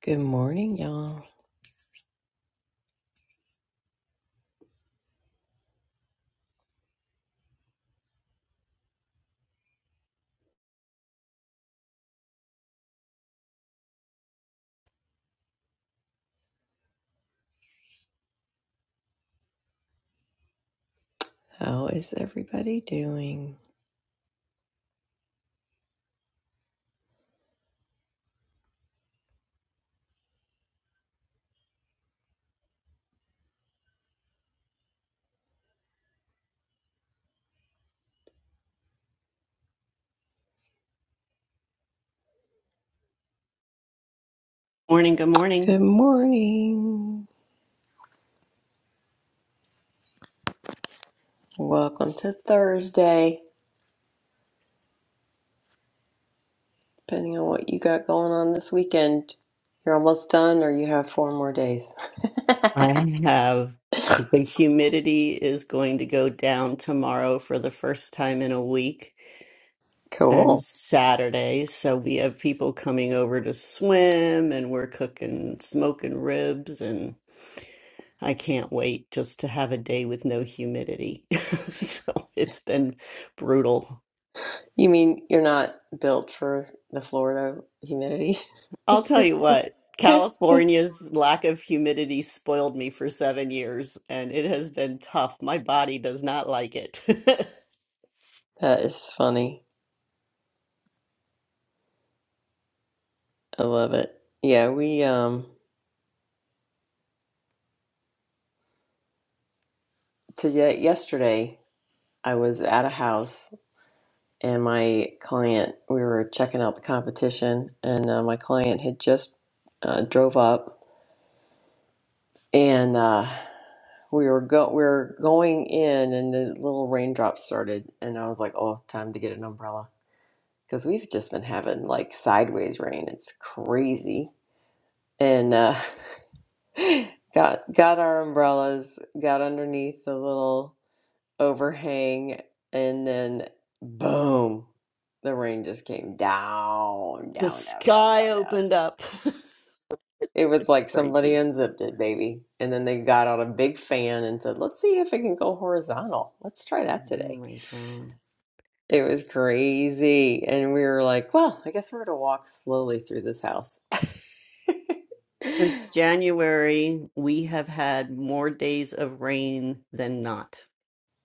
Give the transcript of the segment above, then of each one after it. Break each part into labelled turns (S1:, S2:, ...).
S1: Good morning, y'all. How is everybody doing?
S2: Morning, good morning.
S1: Good morning. Welcome to Thursday. Depending on what you got going on this weekend, you're almost done or you have four more days.
S2: I have the humidity is going to go down tomorrow for the first time in a week and
S1: cool.
S2: Saturday. So we have people coming over to swim and we're cooking, smoking ribs and I can't wait just to have a day with no humidity. So it's been brutal.
S1: You mean you're not built for the Florida humidity?
S2: I'll tell you what,
S1: that
S2: California's lack of humidity spoiled me for seven years, and it has been tough. My body does not like it.
S1: is funny. I love it. Yeah, we um today yesterday I was at a house and my client we were checking out the competition and uh, my client had just uh, drove up and uh, we were go we were going in and the little raindrops started and i was like oh time to get an umbrella because we've just been having like sideways rain it's crazy and uh, got got our umbrellas got underneath the little overhang, and then boom, the rain just came down,
S2: The
S1: down, down, down,
S2: sky
S1: down, down.
S2: opened up.
S1: It was
S2: it's
S1: like somebody
S2: crazy.
S1: unzipped it, baby. And then they got out a big fan and said, let's see if it can go horizontal. Let's try that
S2: Oh
S1: today.
S2: my God.
S1: It was crazy. And we were like, well, I guess we're going to walk slowly through this house. oh,
S2: Since January, we have had more days of rain than not.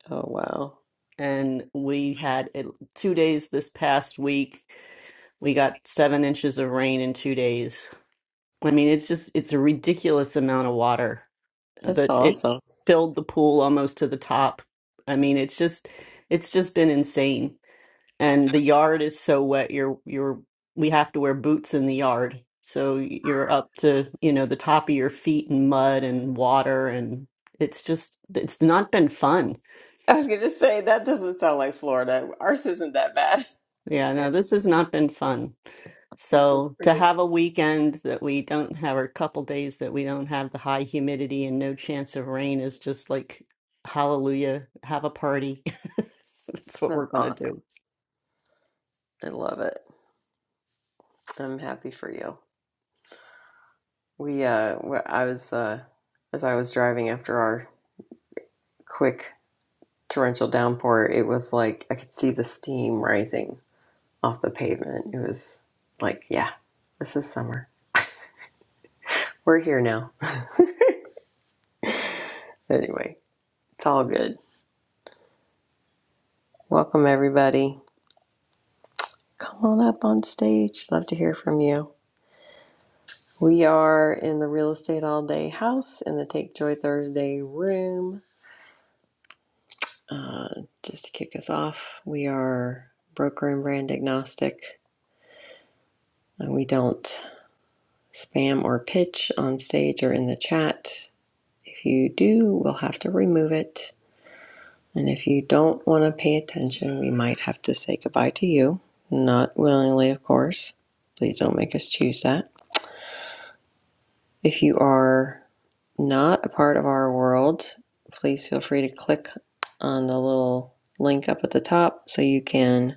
S1: wow.
S2: And we had it, two days this past week. We got seven inches of rain in two days. I mean, it's just, it's a ridiculous amount of water uh,
S1: That's
S2: that it
S1: awesome.
S2: filled the pool almost to the top. I mean, it's just, it's just been insane. and the yard is so wet you're you're we have to wear boots in the yard so you're up to you know the top of your feet in mud and water and it's just it's not been fun
S1: I was going to say, that doesn't sound like Florida. Ours isn't that bad.
S2: yeah no this has not been fun
S1: It's just
S2: so to have
S1: ridiculous.
S2: a weekend that we don't have or a couple days that we don't have the high humidity and no chance of rain is just like hallelujah have a party that's what we're
S1: That's
S2: going to do
S1: awesome. I love it. I'm happy for you. We, uh, wh- I was, uh, as I was driving after our quick torrential downpour, it was like I could see the steam rising off the pavement. It was like, yeah, this is summer. We're here now. Anyway, it's all good. Welcome, everybody. Come on up on stage. Love to hear from you. We are in the Real Estate All Day House in the Take Joy Thursday room. Uh, just to kick us off, we are broker and brand agnostic. Uh, we don't spam or pitch on stage or in the chat. If you do, we'll have to remove it. And if you don't want to pay attention, we might have to say goodbye to you. Not willingly, of course. Please don't make us choose that. If you are not a part of our world, please feel free to click on the little link up at the top so you can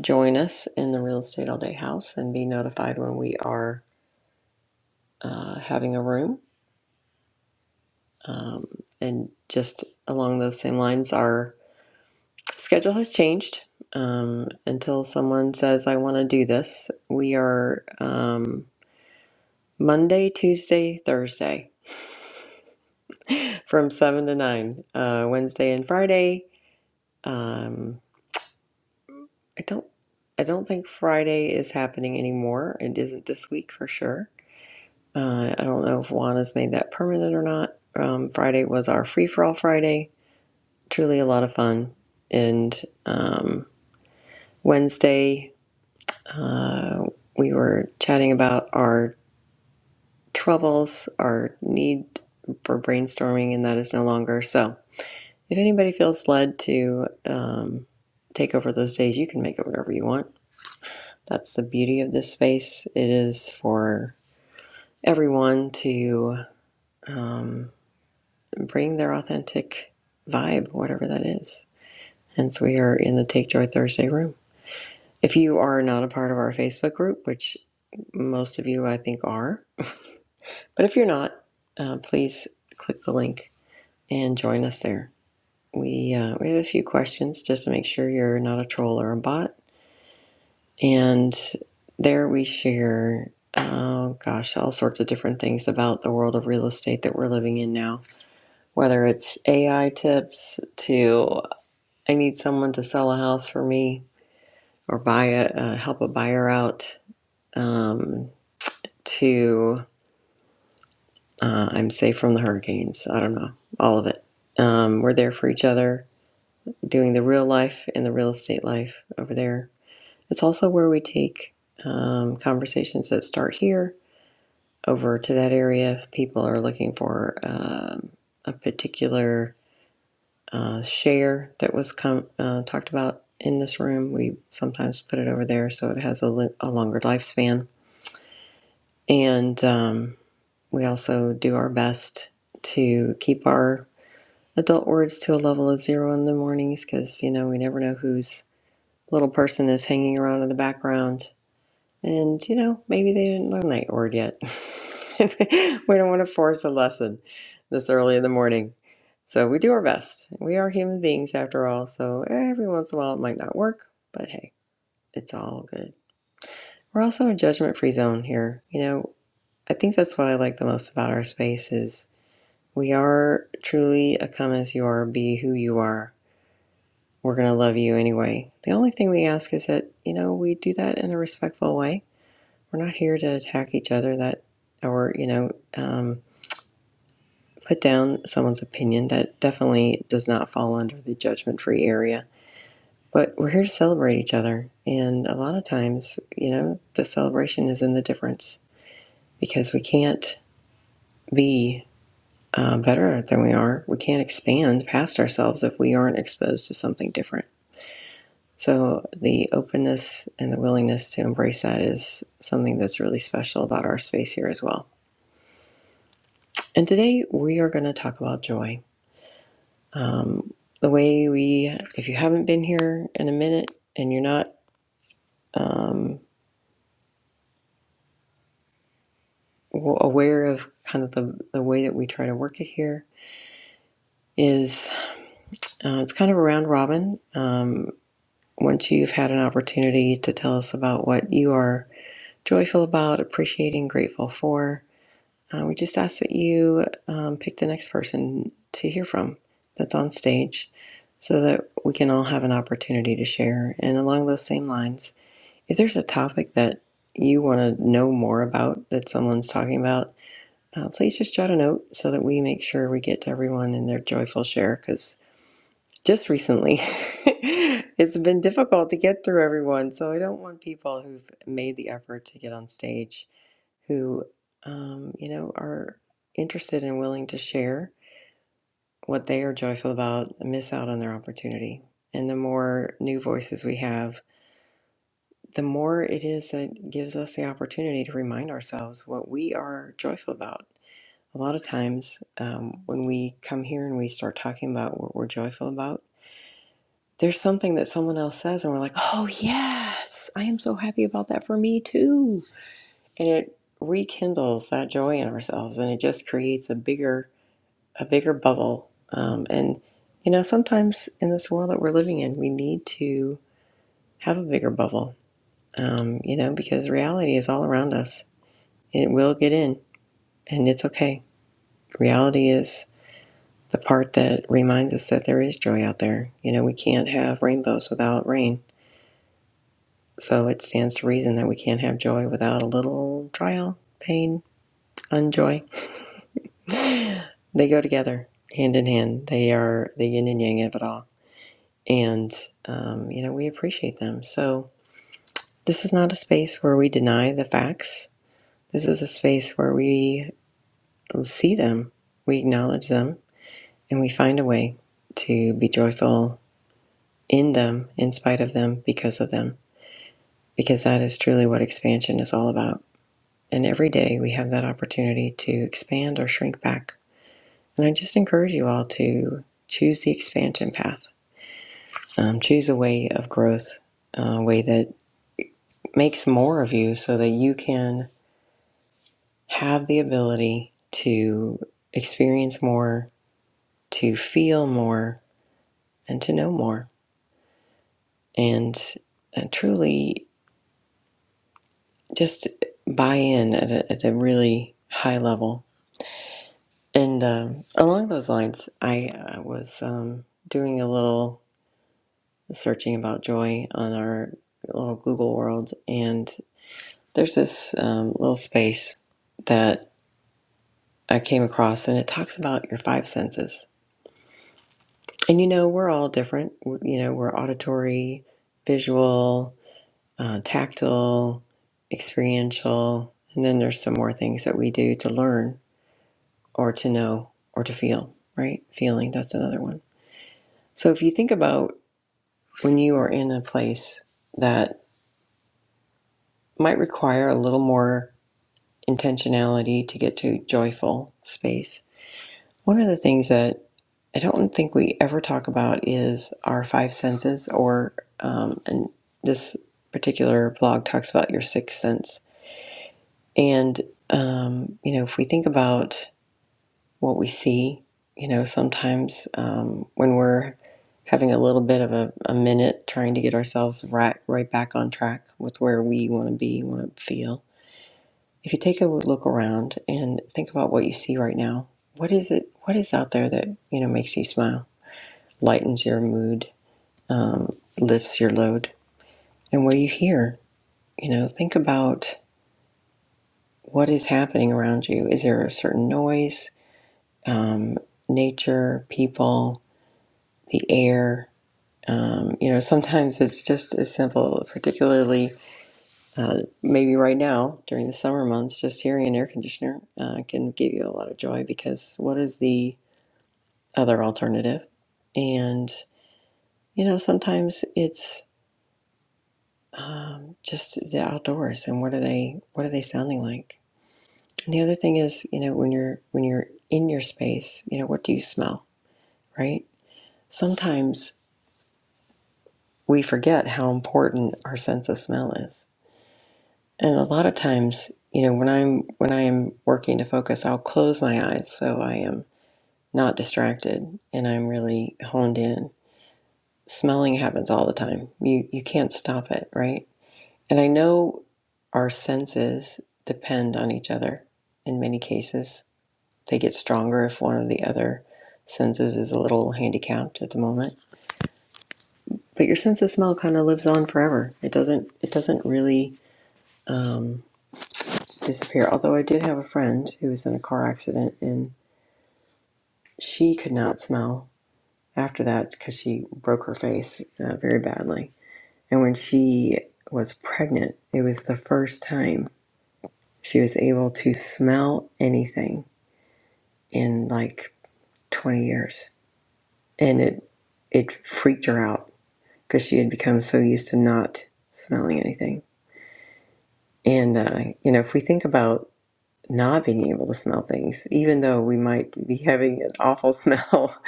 S1: join us in the Real Estate All Day House and be notified when we are uh, having a room. Um, and just along those same lines, our schedule has changed. Um, until someone says, I want to do this, we are um, Monday, Tuesday, Thursday from 7 to 9, uh, Wednesday and Friday. Um, I don't. I don't think Friday is happening anymore. It isn't this week for sure Uh, I don't know if Juan has made that permanent or not. Um, Friday was our free for all Friday. Truly a lot of fun. And um, Wednesday, uh, we were chatting about our troubles, our need for brainstorming, and that is no longer. So if anybody feels led to um, take over those days, you can make it whatever you want. That's the beauty of this space. It is for everyone to. Um, bring their authentic vibe, whatever that is. Hence, we are in the Take Joy Thursday room. If you are not a part of our Facebook group, which most of you I think are, but if you're not, uh, please click the link and join us there. We uh, we have a few questions just to make sure you're not a troll or a bot, and there we share. Oh gosh, all sorts of different things about the world of real estate that we're living in now. Whether it's AI tips to I need someone to sell a house for me or buy it, uh, help a buyer out um, to, uh, I'm safe from the hurricanes. I don't know, all of it. Um, we're there for each other, doing the real life and the real estate life over there. It's also where we take um, conversations that start here over to that area if people are looking for um, a particular uh, share that was com- uh, talked about in this room. We sometimes put it over there so it has a, li- a longer lifespan. And um, we also do our best to keep our adult words to a level of zero in the mornings because, you know, we never know whose little person is hanging around in the background and, you know, maybe they didn't learn that word yet. we don't want to force a lesson this early in the morning. So we do our best. We are human beings after all. So every once in a while it might not work, but hey, it's all good. We're also a judgment free zone here. You know, I think that's what I like the most about our space is we are truly a come as you are, be who you are. We're going to love you anyway. The only thing we ask is that, you know, we do that in a respectful way We're not here to attack each other that, or, you know, um, put down someone's opinion. That definitely does not fall under the judgment free area. But we're here to celebrate each other. And a lot of times, you know, the celebration is in the difference because we can't be uh, better than we are. We can't expand past ourselves if we aren't exposed to something different. So the openness and the willingness to embrace that is something that's really special about our space here as well. And today we are going to talk about joy. Um, the way we, if you haven't been here in a minute and you're not um, w- aware of kind of the, the way that we try to work it here, is uh, it's kind of a round robin. Um, once you've had an opportunity to tell us about what you are joyful about, appreciating, grateful for, Uh, we just ask that you um, pick the next person to hear from that's on stage so that we can all have an opportunity to share. And along those same lines, if there's a topic that you want to know more about that someone's talking about, uh, please just jot a note so that we make sure we get to everyone in their joyful share because just recently it's been difficult to get through everyone. So I don't want people who've made the effort to get on stage who, um, you know, are interested and willing to share what they are joyful about miss out on their opportunity. And the more new voices we have, the more it is that gives us the opportunity to remind ourselves what we are joyful about. A lot of times, um, when we come here and we start talking about what we're joyful about, there's something that someone else says, and we're like, oh, yes, I am so happy about that for me too and it rekindles that joy in ourselves and it just creates a bigger a bigger bubble um, and you know sometimes in this world that we're living in we need to have a bigger bubble um, you know because reality is all around us it will get in and it's okay reality is the part that reminds us that there is joy out there you know we can't have rainbows without rain so it stands to reason that we can't have joy without a little trial pain unjoy They go together hand in hand. They are the yin and yang of it all. And, um, you know, we appreciate them. So this is not a space where we deny the facts. This is a space where we see them, we acknowledge them, and we find a way to be joyful in them, in spite of them, because of them. Because that is truly what expansion is all about. And every day we have that opportunity to expand or shrink back. And I just encourage you all to choose the expansion path Um, choose a way of growth, a way that makes more of you so that you can have the ability to experience more, to feel more, and to know more. And uh, truly just buy in at a, at a really high level. And um, along those lines, I uh, was um, doing a little searching about joy on our little Google world, and there's this um, little space that I came across, and it talks about your five senses. And you know, we're all different. We're, you know, we're auditory, visual, uh, tactile, experiential, and then there's some more things that we do to learn or to know or to feel, right? Feeling, that's another one. So if you think about when you are in a place that might require a little more intentionality to get to joyful space One of the things that I don't think we ever talk about is our five senses, or um, and this particular blog talks about your sixth sense. And um, you know, if we think about what we see, you know, sometimes um, when we're having a little bit of a, a minute trying to get ourselves right right back on track with where we want to be, want to feel. If you take a look around and think about what you see right now, what is it? What is out there that you know makes you smile? lightens your mood, um, lifts your load. And what do you hear? You know, think about what is happening around you. Is there a certain noise, um, nature, people, the air? Um, you know, sometimes it's just as simple, particularly uh, maybe right now during the summer months, just hearing an air conditioner uh, can give you a lot of joy because what is the other alternative? And, you know, sometimes it's um, just the outdoors and what are they what are they sounding like and the other thing is you know when you're when you're in your space you know what do you smell right sometimes we forget how important our sense of smell is and a lot of times you know when i'm when i am working to focus i'll close my eyes so i am not distracted and i'm really honed in smelling happens all the time you you can't stop it right And I know our senses depend on each other in many cases. They get stronger if one of the other senses is a little handicapped at the moment. But your sense of smell kind of lives on forever. It doesn't. It doesn't really um, disappear. Although I did have a friend who was in a car accident and she could not smell after that because she broke her face uh, very badly. And when she was pregnant, it was the first time she was able to smell anything in like 20 years and it it freaked her out because she had become so used to not smelling anything and uh, you know if we think about not being able to smell things even though we might be having an awful smell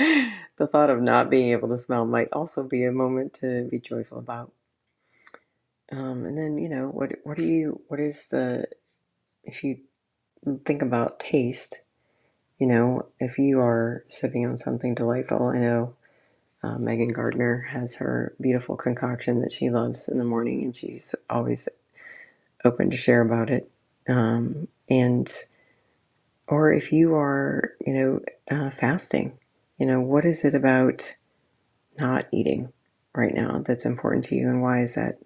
S1: the thought of not being able to smell might also be a moment to be joyful about um, and then you know what what do you what is the if you think about taste you know if you are sipping on something delightful i know Uh, Megan Gardner has her beautiful concoction that she loves in the morning, and she's always open to share about it. Um, and or if you are, you know, uh, fasting, you know, what is it about not eating right now that's important to you, and why is that?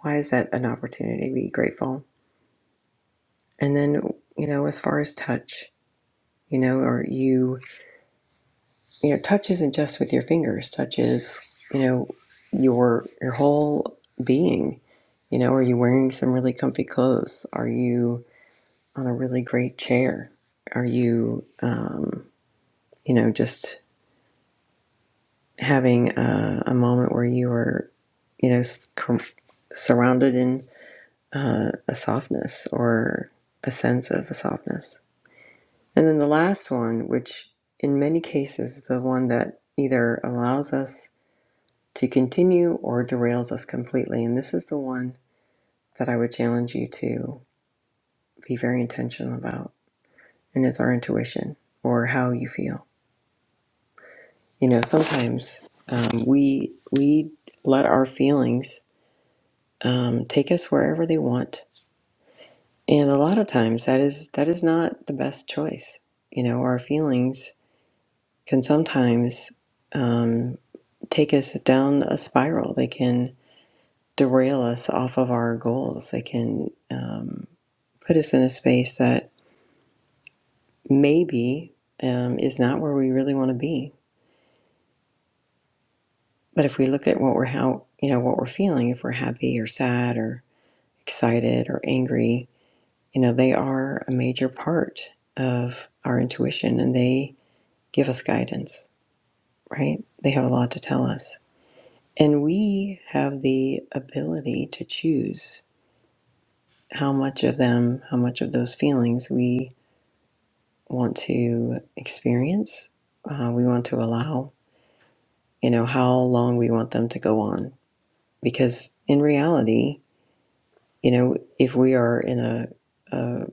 S1: Why is that an opportunity to be grateful? And then, you know, as far as touch, you know, are you? you know touch isn't just with your fingers touch is you know your your whole being you know are you wearing some really comfy clothes are you on a really great chair are you um, you know just having a, a moment where you are you know com- surrounded in uh, a softness or a sense of a softness and then the last one which in many cases the one that either allows us to continue or derails us completely. And this is the one that I would challenge you to be very intentional about, and it's our intuition or how you feel. You know, sometimes um, we we let our feelings um, take us wherever they want, and a lot of times that is that is not the best choice. You know, our feelings can sometimes um, take us down a spiral. They can derail us off of our goals. They can. um, put us in a space that maybe um, is not where we really want to be. But if we look at what we're how you know what we're feeling, if we're happy or sad or excited or angry, you know they are a major part of our intuition, and they give us guidance. Right? They have a lot to tell us, and we have the ability to choose how much of them, how much of those feelings we want to experience, uh, we want to allow, you know, how long we want them to go on. Because in reality, you know, if we are in a, a,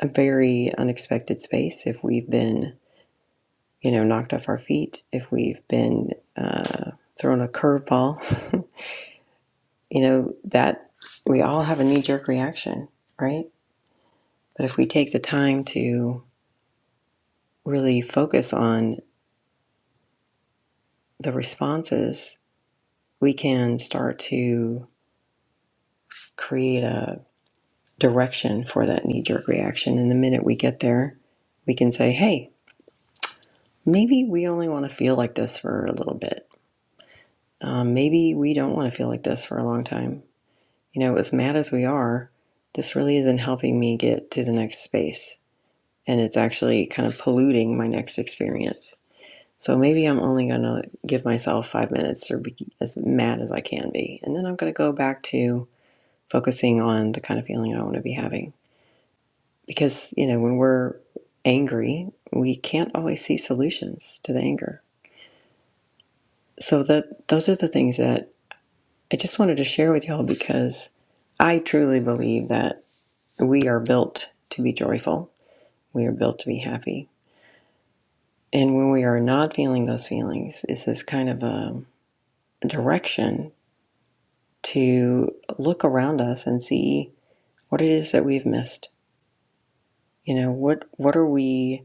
S1: a very unexpected space, if we've been, you know, knocked off our feet, if we've been uh, thrown a curveball, you know, that we all have a knee jerk reaction, right? But if we take the time to really focus on the responses, we can start to create a direction for that knee jerk reaction. And the minute we get there, we can say, hey, maybe we only want to feel like this for a little bit. Um, maybe we don't want to feel like this for a long time. You know, as mad as we are, this really isn't helping me get to the next space. And it's actually kind of polluting my next experience. So maybe I'm only going to give myself five minutes to be as mad as I can be. And then I'm going to go back to focusing on the kind of feeling I want to be having. because you know when we're angry we can't always see solutions to the anger so that those are the things that i just wanted to share with y'all because i truly believe that we are built to be joyful we are built to be happy and when we are not feeling those feelings it's this kind of a direction to look around us and see what it is that we've missed you know what what are we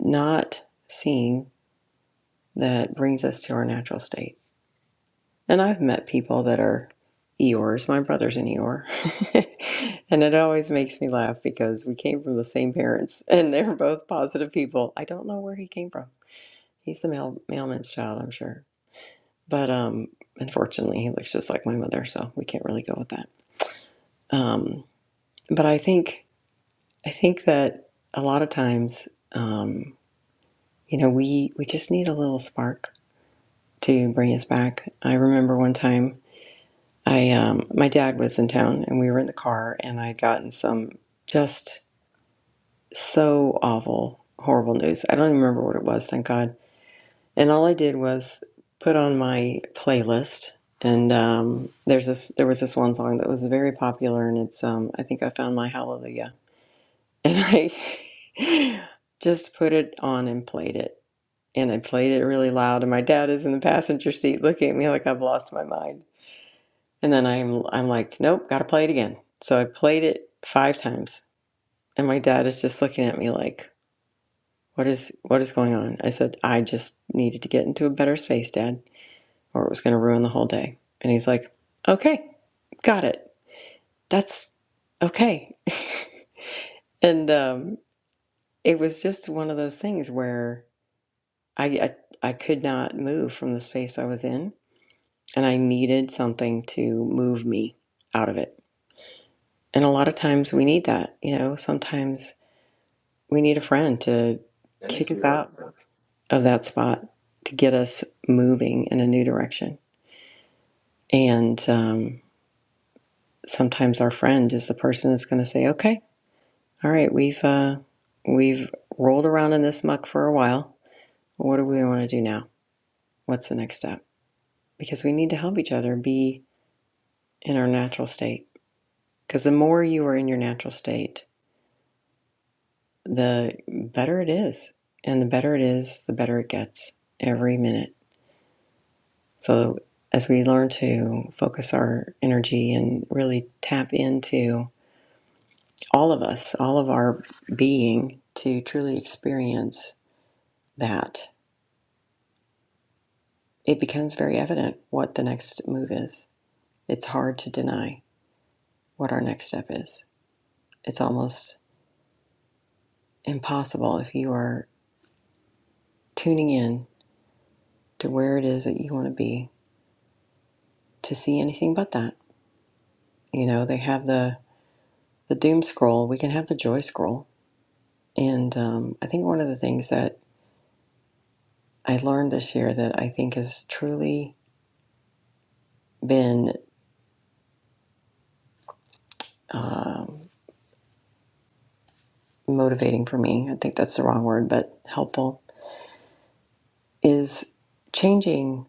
S1: not seeing that brings us to our natural state And I've met people that are Eeyores. My brother's an Eeyore. and it always makes me laugh because we came from the same parents and they're both positive people. I don't know where he came from. He's the mail- mailman's child, I'm sure. But um, unfortunately, he looks just like my mother, so we can't really go with that. Um, but I think I think that a lot of times, um, you know, we we just need a little spark to bring us back. I remember one time I um my dad was in town and we were in the car and I had gotten some just so awful, horrible news. I don't even remember what it was, thank God. And all I did was put on my playlist and um there's this there was this one song that was very popular and it's um I think I found my hallelujah. And I just put it on and played it. And I played it really loud and my dad is in the passenger seat looking at me like I've lost my mind And then I'm I'm like, nope, gotta play it again. So I played it five times, and my dad is just looking at me like, what is what is going on? I said, I just needed to get into a better space, Dad, or it was gonna ruin the whole day. And he's like, okay, got it. That's okay. and um, it was just one of those things where I, I I could not move from the space I was in, and I needed something to move me out of it. And a lot of times we need that. You know, sometimes we need a friend to kick us out of that spot to get us moving in a new direction. And um, sometimes our friend is the person that's going to say, "Okay, all right, we've uh, we've rolled around in this muck for a while. What do we want to do now? What's the next step?" Because we need to help each other be in our natural state. Because the more you are in your natural state, the better it is. And the better it is, the better it gets every minute. So, as we learn to focus our energy and really tap into all of us, all of our being to truly experience that, it becomes very evident what the next move is. It's hard to deny what our next step is. It's almost impossible if you are tuning in to where it is that you want to be to see anything but that. You know, they have the the doom scroll, we can have the joy scroll. And um, I think one of the things that I learned this year that I think has truly been um, motivating for me, I think that's the wrong word, but helpful, is changing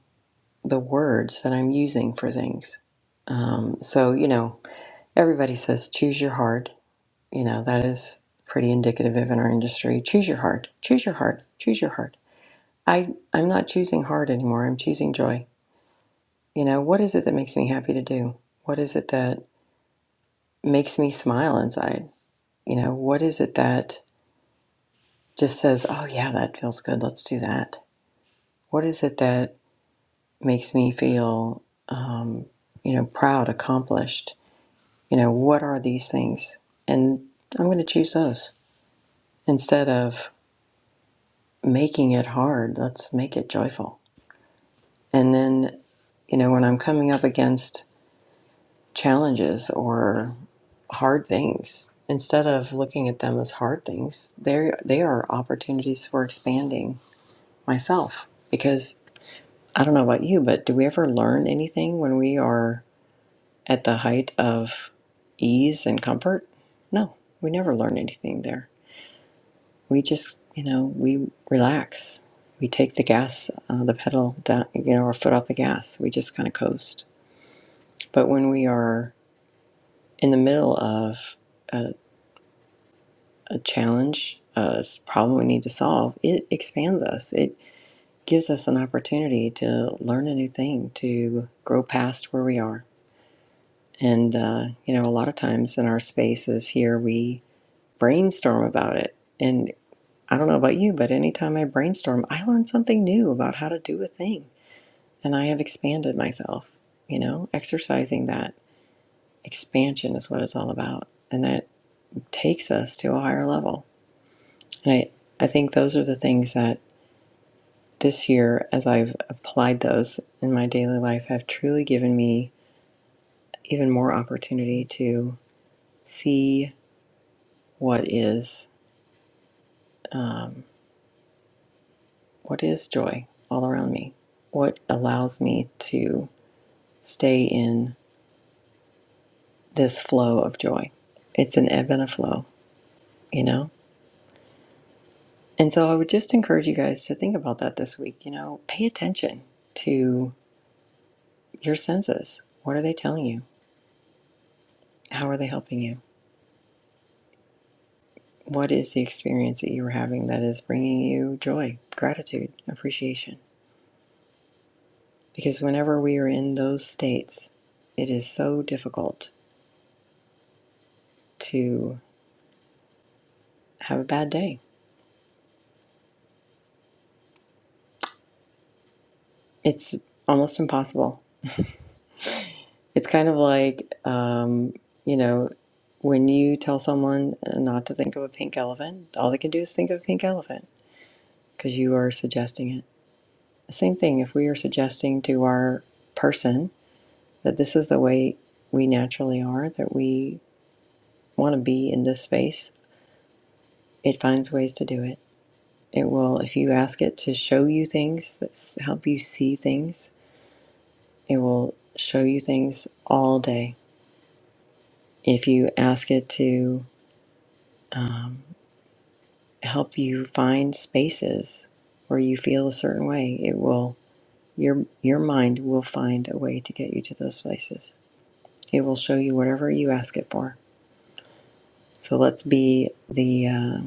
S1: the words that I'm using for things. Um, so, you know, everybody says choose your heart. You know, that is pretty indicative of in our industry. Choose your heart, choose your heart, choose your heart. I, I'm not choosing hard anymore. I'm choosing joy. You know, what is it that makes me happy to do? What is it that makes me smile inside? You know, what is it that just says, oh, yeah, that feels good. Let's do that? What is it that makes me feel, um, you know, proud, accomplished? You know, what are these things? And I'm going to choose those instead of making it hard. Let's make it joyful. And then, you know, when I'm coming up against challenges or hard things instead of looking at them as hard things they they are opportunities for expanding myself because i don't know about you but do we ever learn anything when we are at the height of ease and comfort no we never learn anything there we just you know we relax we take the gas uh, the pedal down you know our foot off the gas we just kind of coast but when we are in the middle of a a challenge, a problem we need to solve, it expands us. It gives us an opportunity to learn a new thing, to grow past where we are. And, uh, you know, a lot of times in our spaces here, we brainstorm about it. And I don't know about you, but anytime I brainstorm, I learn something new about how to do a thing. And I have expanded myself, you know, exercising that expansion is what it's all about. And that takes us to a higher level. And I, I think those are the things that this year, as I've applied those in my daily life, have truly given me even more opportunity to see what is um, what is joy all around me. What allows me to stay in this flow of joy? It's an ebb and a flow, you know. And so I would just encourage you guys to think about that this week. You know, pay attention to your senses. What are they telling you? How are they helping you? What is the experience that you are having that is bringing you joy, gratitude, appreciation? Because whenever we are in those states, it is so difficult to have a bad day. It's almost impossible. It's kind of like, um, you know, when you tell someone not to think of a pink elephant, all they can do is think of a pink elephant because you are suggesting it. The same thing if we are suggesting to our person that this is the way we naturally are, that we want to be in this space, it finds ways to do it. It will, if you ask it to show you things, that help you see things, it will show you things all day. If you ask it to um, help you find spaces where you feel a certain way, it will, your, your mind will find a way to get you to those places. It will show you whatever you ask it for. So let's be the uh,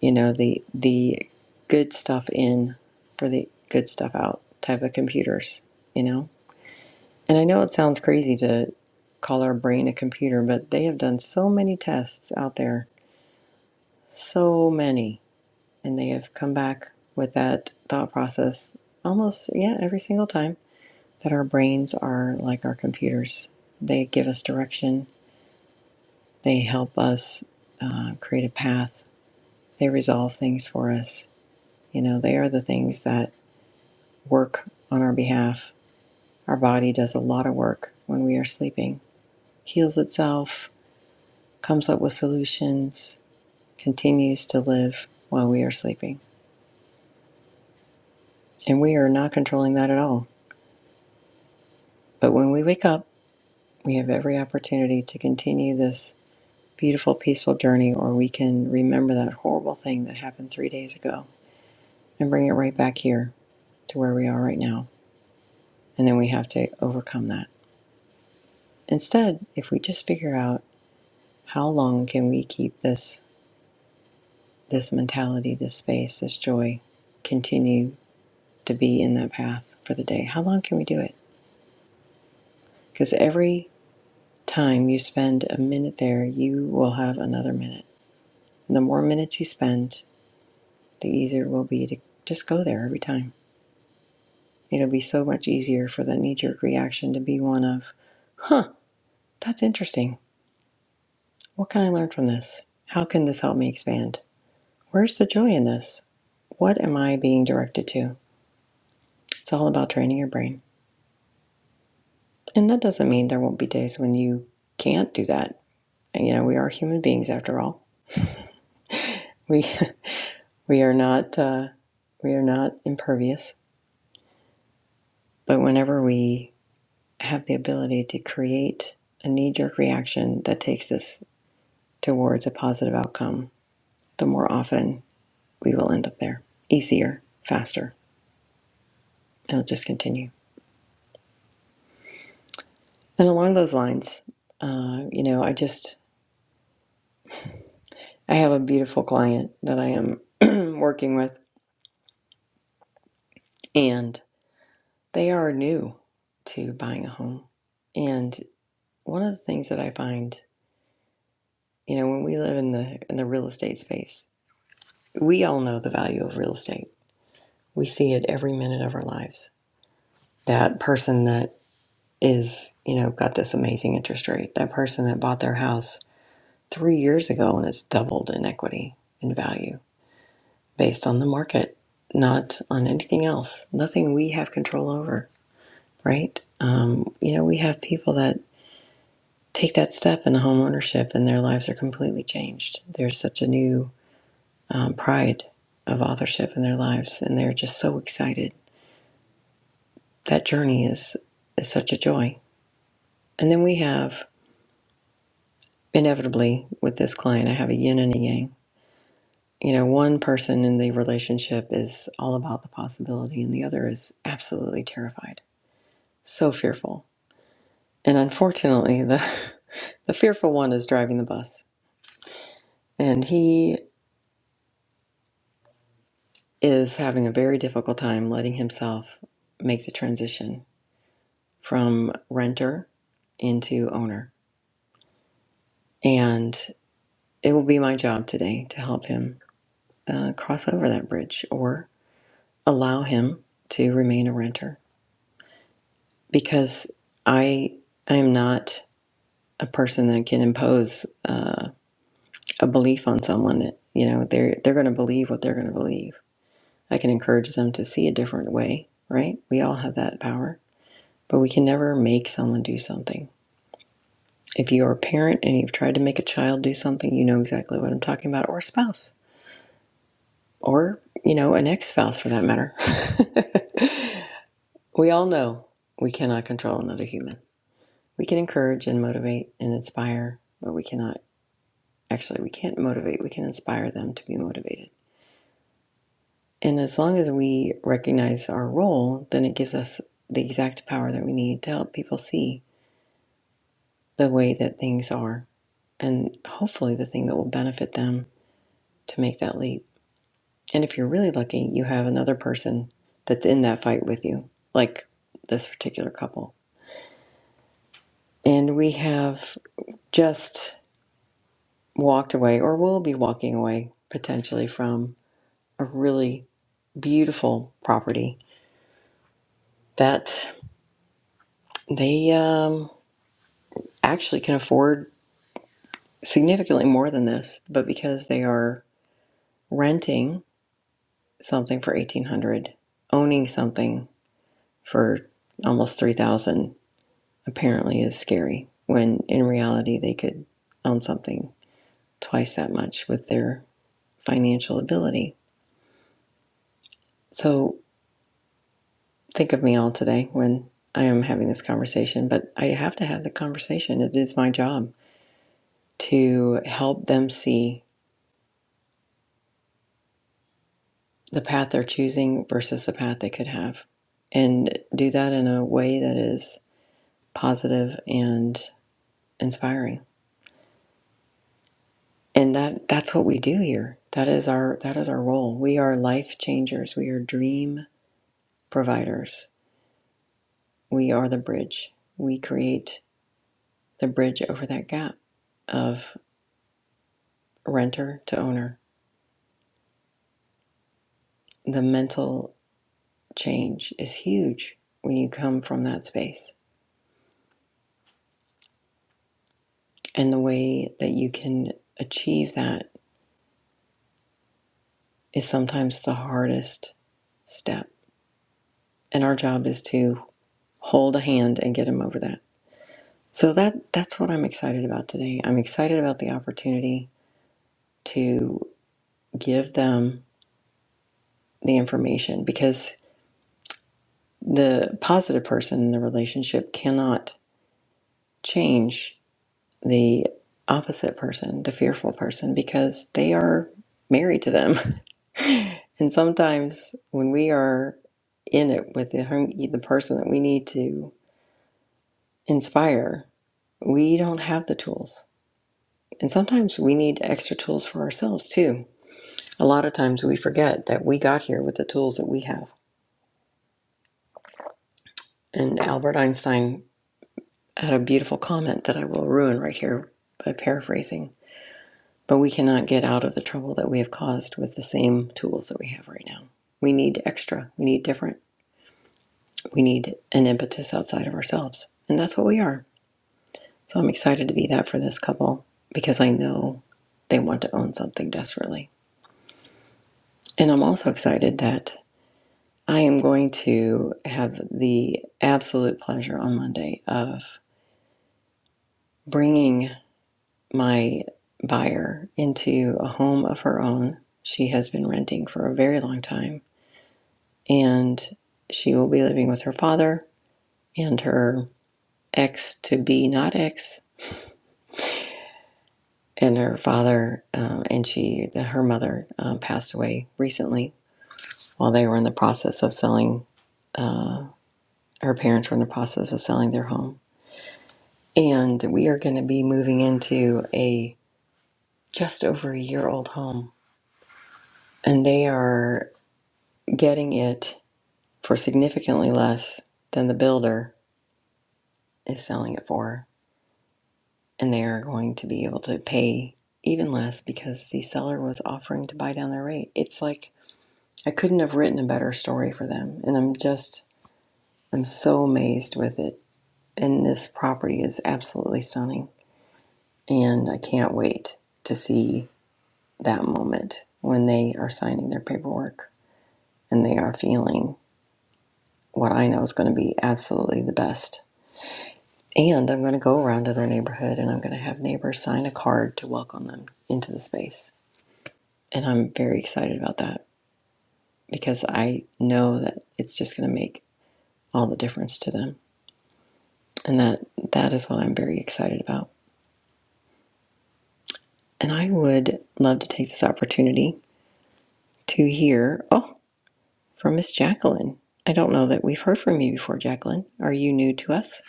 S1: you know the the good stuff in for the good stuff out type of computers you know and i know it sounds crazy to call our brain a computer but they have done so many tests out there so many and they have come back with that thought process almost yeah every single time that our brains are like our computers they give us direction they help us uh, create a path they resolve things for us you know they are the things that work on our behalf. Our body does a lot of work when we are sleeping, heals itself, comes up with solutions, continues to live while we are sleeping. And we are not controlling that at all. But when we wake up, we have every opportunity to continue this beautiful, peaceful journey, or we can remember that horrible thing that happened three days ago and bring it right back here to where we are right now. And then we have to overcome that. Instead, if we just figure out how long can we keep this this mentality, this space, this joy, continue to be in that path for the day. How long can we do it? Because every time you spend a minute there, you will have another minute. And the more minutes you spend, the easier it will be to just go there every time. It'll be so much easier for that knee jerk reaction to be one of, huh, that's interesting. What can I learn from this? How can this help me expand? Where's the joy in this? What am I being directed to? It's all about training your brain. And that doesn't mean there won't be days when you can't do that. And, you know, we are human beings after all. We we are not uh, we are not impervious. But whenever we have the ability to create a knee-jerk reaction that takes us towards a positive outcome, the more often we will end up there, easier, faster, and it'll just continue. And along those lines, uh, you know, I just I have a beautiful client that I am working with, and. they are new to buying a home. And one of the things that I find, you know, when we live in the in the real estate space, we all know the value of real estate. We see it every minute of our lives. That person that is, you know, got this amazing interest rate, that person that bought their house 3 years ago and it's doubled in equity in value based on the market, not on anything else. Nothing we have control over, right? Um, you know, we have people that take that step into home ownership, and their lives are completely changed. There's such a new um, pride of authorship in their lives and they're just so excited. That journey is, is such a joy. And then we have, inevitably, with this client, I have a yin and a yang. You know, one person in the relationship is all about the possibility and the other is absolutely terrified, so fearful. And unfortunately, the, the fearful one is driving the bus. and he. is having a very difficult time letting himself make the transition from renter into owner. And it will be my job today to help him uh, cross over that bridge or allow him to remain a renter because I, I am not a person that can impose uh, a belief on someone. That, You know, they're, they're going to believe what they're going to believe. I can encourage them to see a different way, right? We all have that power but we can never make someone do something. If you're a parent and you've tried to make a child do something, you know exactly what I'm talking about, or a spouse, or, you know, an ex spouse for that matter. we all know we cannot control another human. We can encourage and motivate and inspire, but we cannot, actually, we can't motivate, we can inspire them to be motivated. And as long as we recognize our role, then it gives us the exact power that we need to help people see the way that things are and hopefully the thing that will benefit them to make that leap. And if you're really lucky, you have another person that's in that fight with you, like this particular couple. And we have just walked away, or will be walking away potentially from a really beautiful property that they um, actually can afford significantly more than this, but because they are renting something for 1800 owning something for almost 3000 apparently is scary when in reality they could own something twice that much with their financial ability so think of me all today when i am having this conversation but i have to have the conversation it is my job to help them see the path they're choosing versus the path they could have and do that in a way that is positive and inspiring and that that's what we do here that is our that is our role we are life changers we are dream providers we are the bridge we create the bridge over that gap of renter to owner the mental change is huge when you come from that space and the way that you can achieve that is sometimes the hardest step and our job is to hold a hand and get them over that So that that's what I'm excited about today. I'm excited about the opportunity to give them the information because the positive person in the relationship cannot change the opposite person, the fearful person because they are married to them. and sometimes when we are in it with the hum- the person that we need to inspire, we don't have the tools. And sometimes we need extra tools for ourselves too A lot of times we forget that we got here with the tools that we have. And Albert Einstein had a beautiful comment that I will ruin right here by paraphrasing. But we cannot get out of the trouble that we have caused with the same tools that we have right now. We need extra, we need different, we need an impetus outside of ourselves. And that's what we are. So I'm excited to be that for this couple because I know they want to own something desperately. And I'm also excited that I am going to have the absolute pleasure on Monday of bringing my buyer into a home of her own. She has been renting for a very long time, and she will be living with her father and her ex to be not ex, and her father um, and she the, her mother um, passed away recently while they were in the process of selling. Uh, her parents were in the process of selling their home And we are going to be moving into a just over a year old home. And they are getting it for significantly less than the builder is selling it for. And they are going to be able to pay even less because the seller was offering to buy down their rate. It's like I couldn't have written a better story for them. And I'm just, I'm so amazed with it. And this property is absolutely stunning. And I can't wait to see. that moment when they are signing their paperwork and they are feeling what I know is going to be absolutely the best. And I'm going to go around to their neighborhood and I'm going to have neighbors sign a card to welcome them into the space. And I'm very excited about that because I know that it's just going to make all the difference to them. And that that is what I'm very excited about. And I would love to take this opportunity to hear oh from Miss Jacqueline. I don't know that we've heard from you before, Jacqueline. Are you new to us?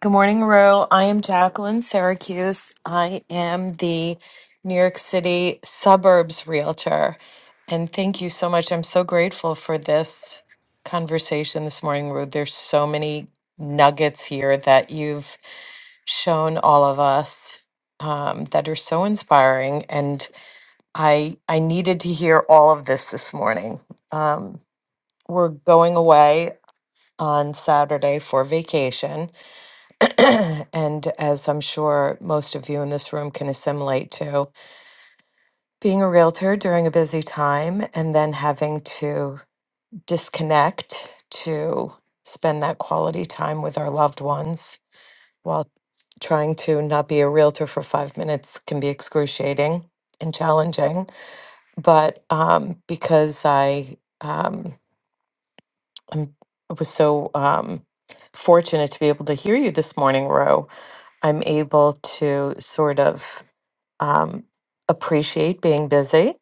S3: Good morning, Rue. I am Jacqueline Syracuse. I am the New York City suburbs realtor. And thank you so much. I'm so grateful for this conversation this morning, Rue. There's so many nuggets here that you've shown all of us um, that are so inspiring. And I I needed to hear all of this this morning. Um, we're going away on Saturday for vacation and as I'm sure most of you in this room can assimilate to, being a realtor during a busy time and then having to disconnect to spend that quality time with our loved ones while trying to not be a realtor for five minutes can be excruciating and challenging. But um, because I, um, I'm, I was so um, fortunate to be able to hear you this morning, Ro, I'm able to sort of. um, appreciate being busy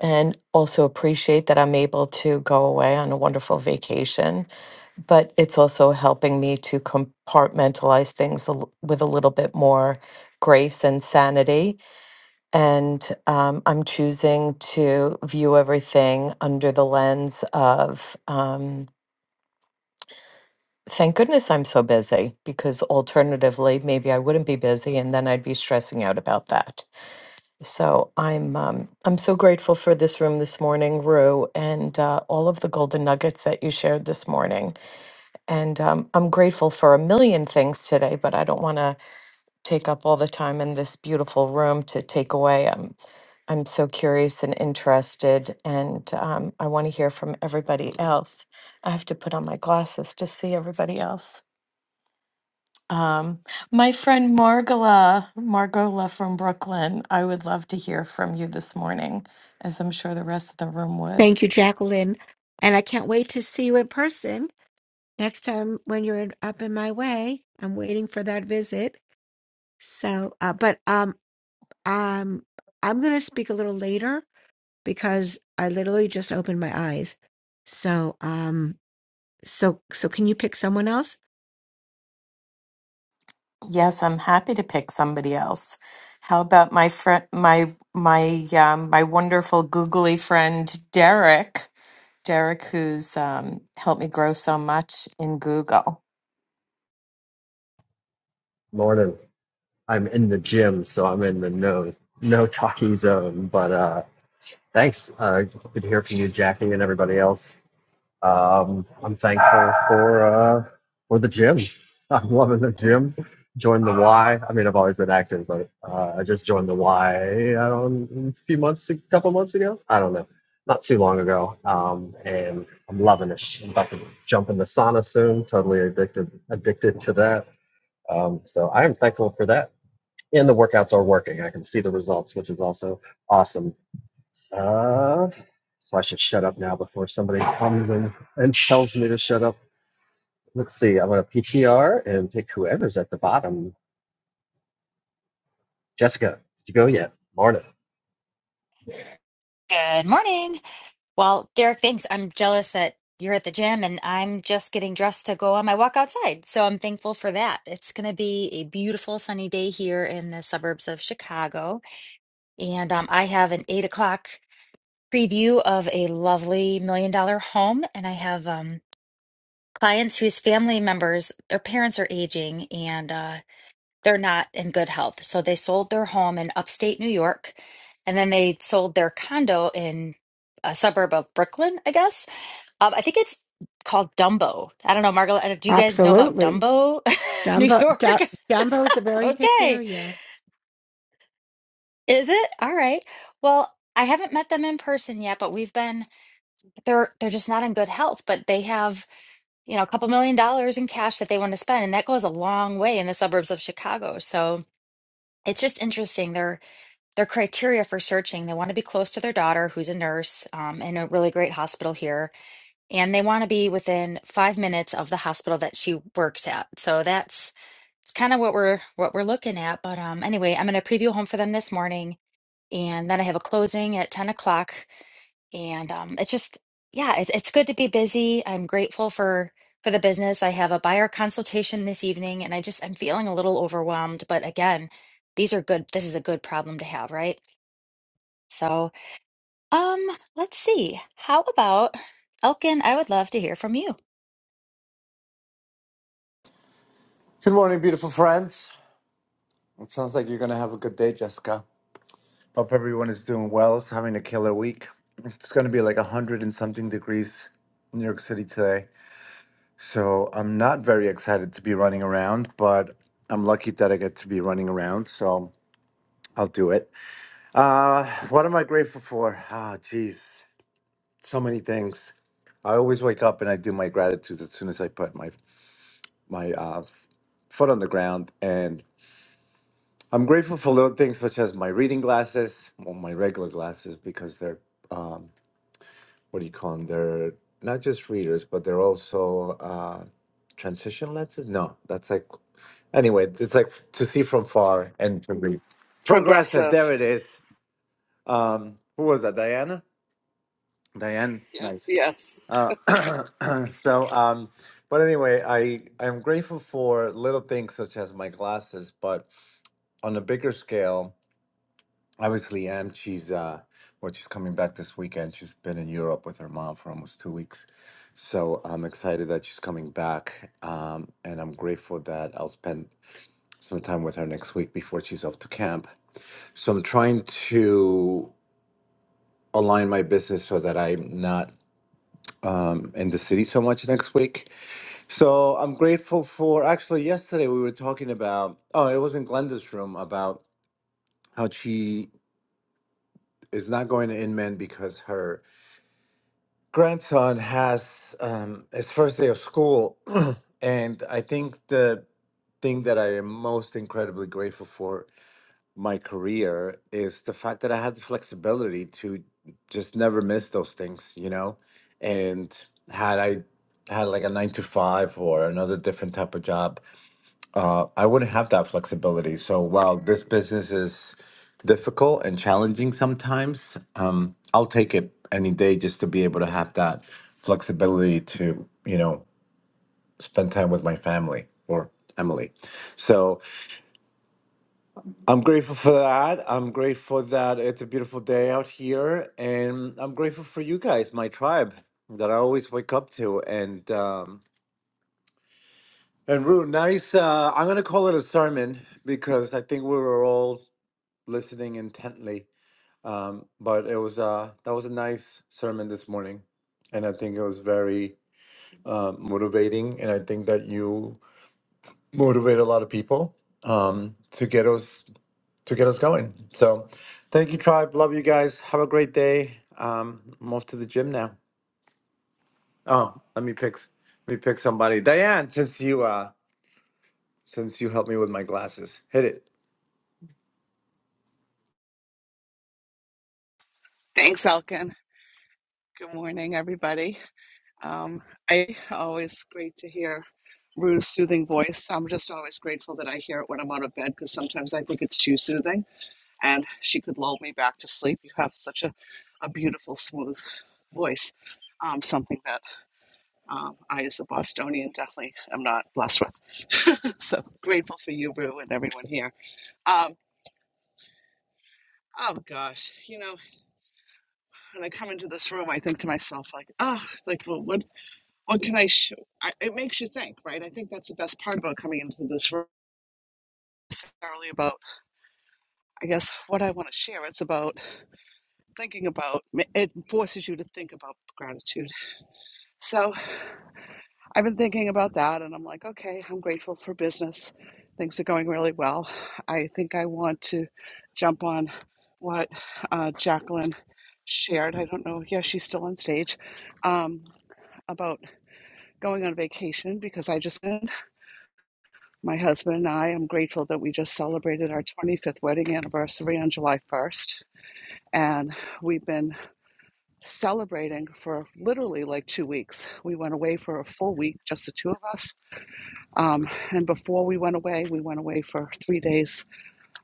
S3: and also appreciate that I'm able to go away on a wonderful vacation. But it's also helping me to compartmentalize things a l- with a little bit more grace and sanity. And um, I'm choosing to view everything under the lens of, um, thank goodness I'm so busy, because alternatively, maybe I wouldn't be busy and then I'd be stressing out about that. So I'm um, I'm so grateful for this room this morning, Rue, and uh, all of the golden nuggets that you shared this morning. And um, I'm grateful for a million things today, but I don't want to take up all the time in this beautiful room to take away. Um, I'm so curious and interested, and um, I want to hear from everybody else. I have to put on my glasses to see everybody else. Um, my friend Margola, Margola from Brooklyn, I would love to hear from you this morning, as I'm sure the rest of the room would.
S4: Thank you, Jacqueline. And I can't wait to see you in person next time when you're in- up in my way. I'm waiting for that visit. So, uh, but um, um, I'm going to speak a little later because I literally just opened my eyes. So, um, so, so can you pick someone else?
S3: Yes, I'm happy to pick somebody else. How about my friend, my my um, my wonderful googly friend Derek, Derek, who's um, helped me grow so much in Google.
S5: Morning. I'm in the gym, so I'm in the no no talking zone. But uh, thanks. Uh, good to hear from you, Jackie, and everybody else. Um, I'm thankful for uh, for the gym. I'm loving the gym. Joined the Y. I mean, I've always been active, but uh, I just joined the Y. I don't a few months, a couple months ago. I don't know, not too long ago. Um, and I'm loving it. I'm about to jump in the sauna soon. Totally addicted addicted to that. Um, so I am thankful for that and the workouts are working. I can see the results, which is also awesome. Uh, so I should shut up now before somebody comes in and tells me to shut up. Let's see. I'm going to PTR and pick whoever's at the bottom. Jessica, did you go yet? Morning.
S6: Good morning. Well, Derek, thanks. I'm jealous that you're at the gym and I'm just getting dressed to go on my walk outside. So I'm thankful for that. It's going to be a beautiful sunny day here in the suburbs of Chicago. And um, I have an eight o'clock preview of a lovely million dollar home. And I have um, clients whose family members, their parents are aging. and. uh, they're not in good health. So they sold their home in upstate New York and then they sold their condo in a suburb of Brooklyn, I guess. Um, I think it's called Dumbo. I don't know, Margaret, do you guys know about
S4: Absolutely.
S6: Dumbo, New
S4: Dumbo, du-
S6: York?
S4: Dumbo is a very hip
S6: okay.
S4: area.
S6: Is it? All right. Well, I haven't met them in person yet, but we've been they're they're just not in good health, but they have you know, a couple million dollars in cash that they want to spend. And that goes a long way in the suburbs of Chicago. So it's just interesting. They're. their criteria for searching. They want to be close to their daughter, who's a nurse um, in a really great hospital here, and they want to be within five minutes of the hospital that she works at. So that's it's kind of what we're what we're looking at. But um, anyway, I'm going to preview a home for them this morning, and then I have a closing at ten o'clock and um, it's just yeah it, it's good to be busy i'm grateful for for the business i have a buyer consultation this evening and i just i'm feeling a little overwhelmed but again these are good this is a good problem to have right so, um, let's see. How about Elkin? I would love to hear from you.
S7: Good morning, beautiful friends. It sounds like you're going to have a good day, Jessica. Hope everyone is doing well. It's having a killer week. It's going to be like 100 and something degrees in New York City today. So I'm not very excited to be running around, but I'm lucky that I get to be running around. So I'll do it. Uh, what am I grateful for? Ah, geez, so many things. I always wake up and I do my gratitude as soon as I put my, my uh, foot on the ground. And I'm grateful for little things such as my reading glasses, well, my regular glasses, because they're, um, what do you call them? They're not just readers, but they're also uh, transition lenses. No, that's like, anyway, it's like to see from far and progressive.
S8: Progressive.
S7: There it is. Um, who was that? Diana? Diane.
S8: Yep.
S7: Nice.
S8: Yes.
S7: Uh, so, um, but anyway, I, I'm grateful for little things such as my glasses, but on a bigger scale, Obviously, Am. She's uh, well, she's coming back this weekend. She's been in Europe with her mom for almost two weeks, so I'm excited that she's coming back. Um, and I'm grateful that I'll spend some time with her next week before she's off to camp. So I'm trying to align my business so that I'm not um, in the city so much next week. So I'm grateful for. Actually, yesterday we were talking about. Oh, it was in Glenda's room about how she is not going to Inman because her grandson has um, his first day of school, and I think the thing that I am most incredibly grateful for my career is the fact that I had the flexibility to just never miss those things, you know. And had I had like a nine to five or another different type of job, uh, I wouldn't have that flexibility. So while this business is difficult and challenging sometimes, um, I'll take it any day just to be able to have that flexibility to, you know, spend time with my family or Emily. So I'm grateful for that. I'm grateful that it's a beautiful day out here. And I'm grateful for you guys, my tribe that I always wake up to. And, um, and Rue, nice. Uh, I'm going to call it a sermon because I think we were all listening intently. Um, but it was uh, that was a nice sermon this morning, and I think it was very uh, motivating. And I think that you motivate a lot of people um, to get us to get us going. So, thank you, tribe. Love you guys. Have a great day. Um, I'm off to the gym now. Oh, let me pick s- let me pick somebody. Diane, since you uh, since you helped me with my glasses, hit it.
S8: Thanks, Elkin. Good morning, everybody. Um, I always great to hear Rue's soothing voice. I'm just always grateful that I hear it when I'm out of bed because sometimes I think it's too soothing, and she could lull me back to sleep. You have such a, a beautiful, smooth voice. Um, something that um, I, as a Bostonian, definitely am not blessed with. So grateful for you, Rue, and everyone here. Um, oh gosh, you know. when I come into this room, I think to myself, like, oh, like, well, what, what can I show? I, it makes you think, right? I think that's the best part about coming into this room. It's Necessarily about, I guess, what I want to share. It's about thinking about. It forces you to think about gratitude. So, I've been thinking about that, and I'm like, okay, I'm grateful for business. Things are going really well. I think I want to jump on what uh, Jacqueline shared. I don't know. Yeah, she's still on stage. Um, about going on vacation because I just, my husband and I, I'm grateful that we just celebrated our 25th wedding anniversary on July 1st. And we've been celebrating for literally like two weeks. We went away for a full week, just the two of us. Um, and before we went away, we went away for three days,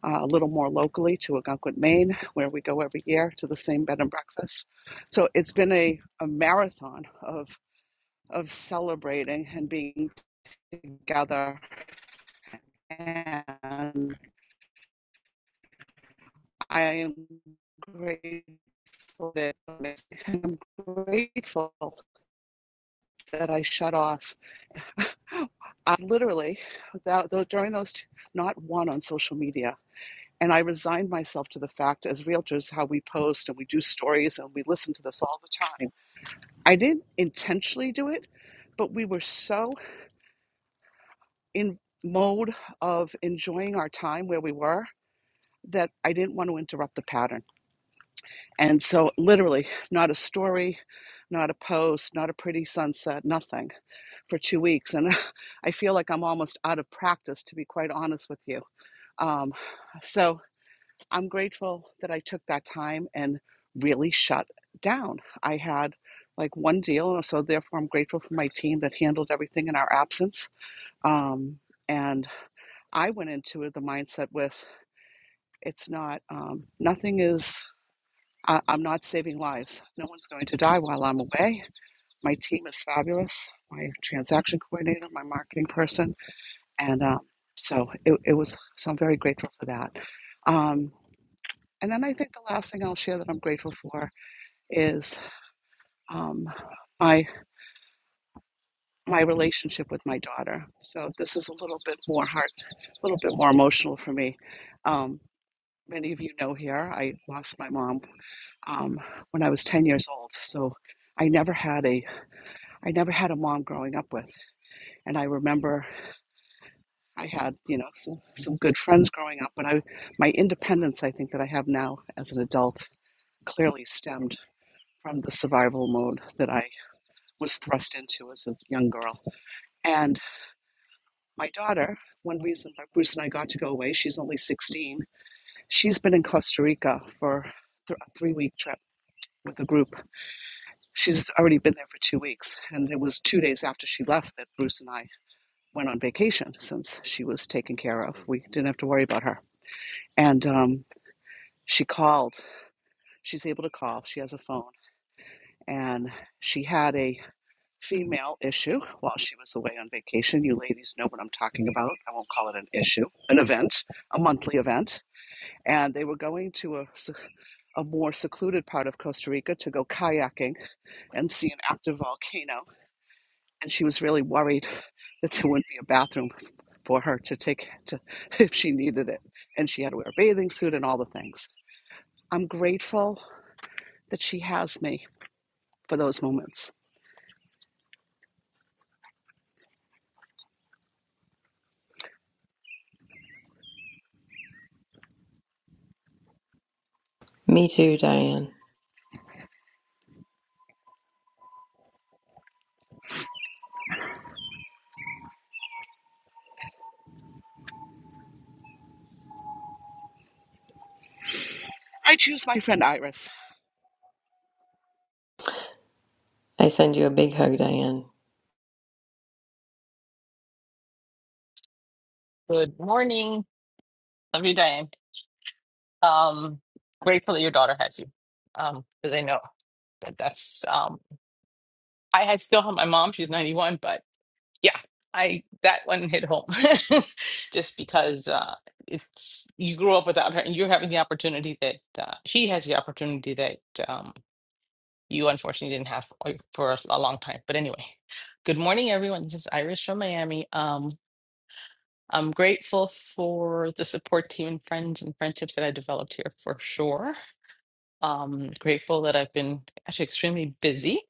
S8: uh, a little more locally to Algonquin, Maine, where we go every year to the same bed and breakfast. So it's been a, a marathon of of celebrating and being together and I am grateful that I'm grateful that I shut off. I literally, without though during those, two, not one on social media. And I resigned myself to the fact, as realtors, how we post and we do stories and we listen to this all the time. I didn't intentionally do it, but we were so in mode of enjoying our time where we were that I didn't want to interrupt the pattern. And so, literally, not a story, not a post, not a pretty sunset, nothing for two weeks. And I feel like I'm almost out of practice, to be quite honest with you. Um, so, I'm grateful that I took that time and really shut down. I had like one deal, so therefore, I'm grateful for my team that handled everything in our absence. Um, and I went into it the mindset with it's not, um, nothing is I, I'm not saving lives. No one's going to die while I'm away. My team is fabulous. My transaction coordinator, my marketing person, and um, so it, it was. So I'm very grateful for that. Um, and then I think the last thing I'll share that I'm grateful for is um, my my relationship with my daughter. So this is a little bit more heart, a little bit more emotional for me. Um, many of you know here, I lost my mom um, when I was 10 years old. So I never had a I never had a mom growing up with. And I remember I had, you know, some, some good friends growing up, but I, my independence, I think that I have now as an adult, clearly stemmed from the survival mode that I was thrust into as a young girl. And my daughter, one reason why Bruce and I got to go away, she's only 16, she's been in Costa Rica for th- a three week trip with a group. She's already been there for two weeks. And it was two days after she left that Bruce and I went on vacation since she was taken care of. We didn't have to worry about her. And um, she called. She's able to call. She has a phone. And she had a female issue while she was away on vacation. You ladies know what I'm talking about. I won't call it an issue, an event, a monthly event. And they were going to a a more secluded part of Costa Rica to go kayaking and see an active volcano and she was really worried that there wouldn't be a bathroom for her to take to if she needed it and she had to wear a bathing suit and all the things i'm grateful that she has me for those moments
S1: Me too, Diane.
S8: i choose my friend iris
S1: I send you a big hug, Diane.
S9: Good morning. Love you, Diane. Um, grateful that your daughter has you. Um, because I know that that's um, I had still have my mom. She's ninety one, but yeah, I that one hit home. Just because uh, it's you grew up without her, and you're having the opportunity that uh, she has the opportunity that um, you unfortunately didn't have for for a long time. But anyway, good morning, everyone. This is Iris from Miami. Um, I'm grateful for the support team and friends and friendships that I developed here for sure. Um, grateful that I've been actually extremely busy.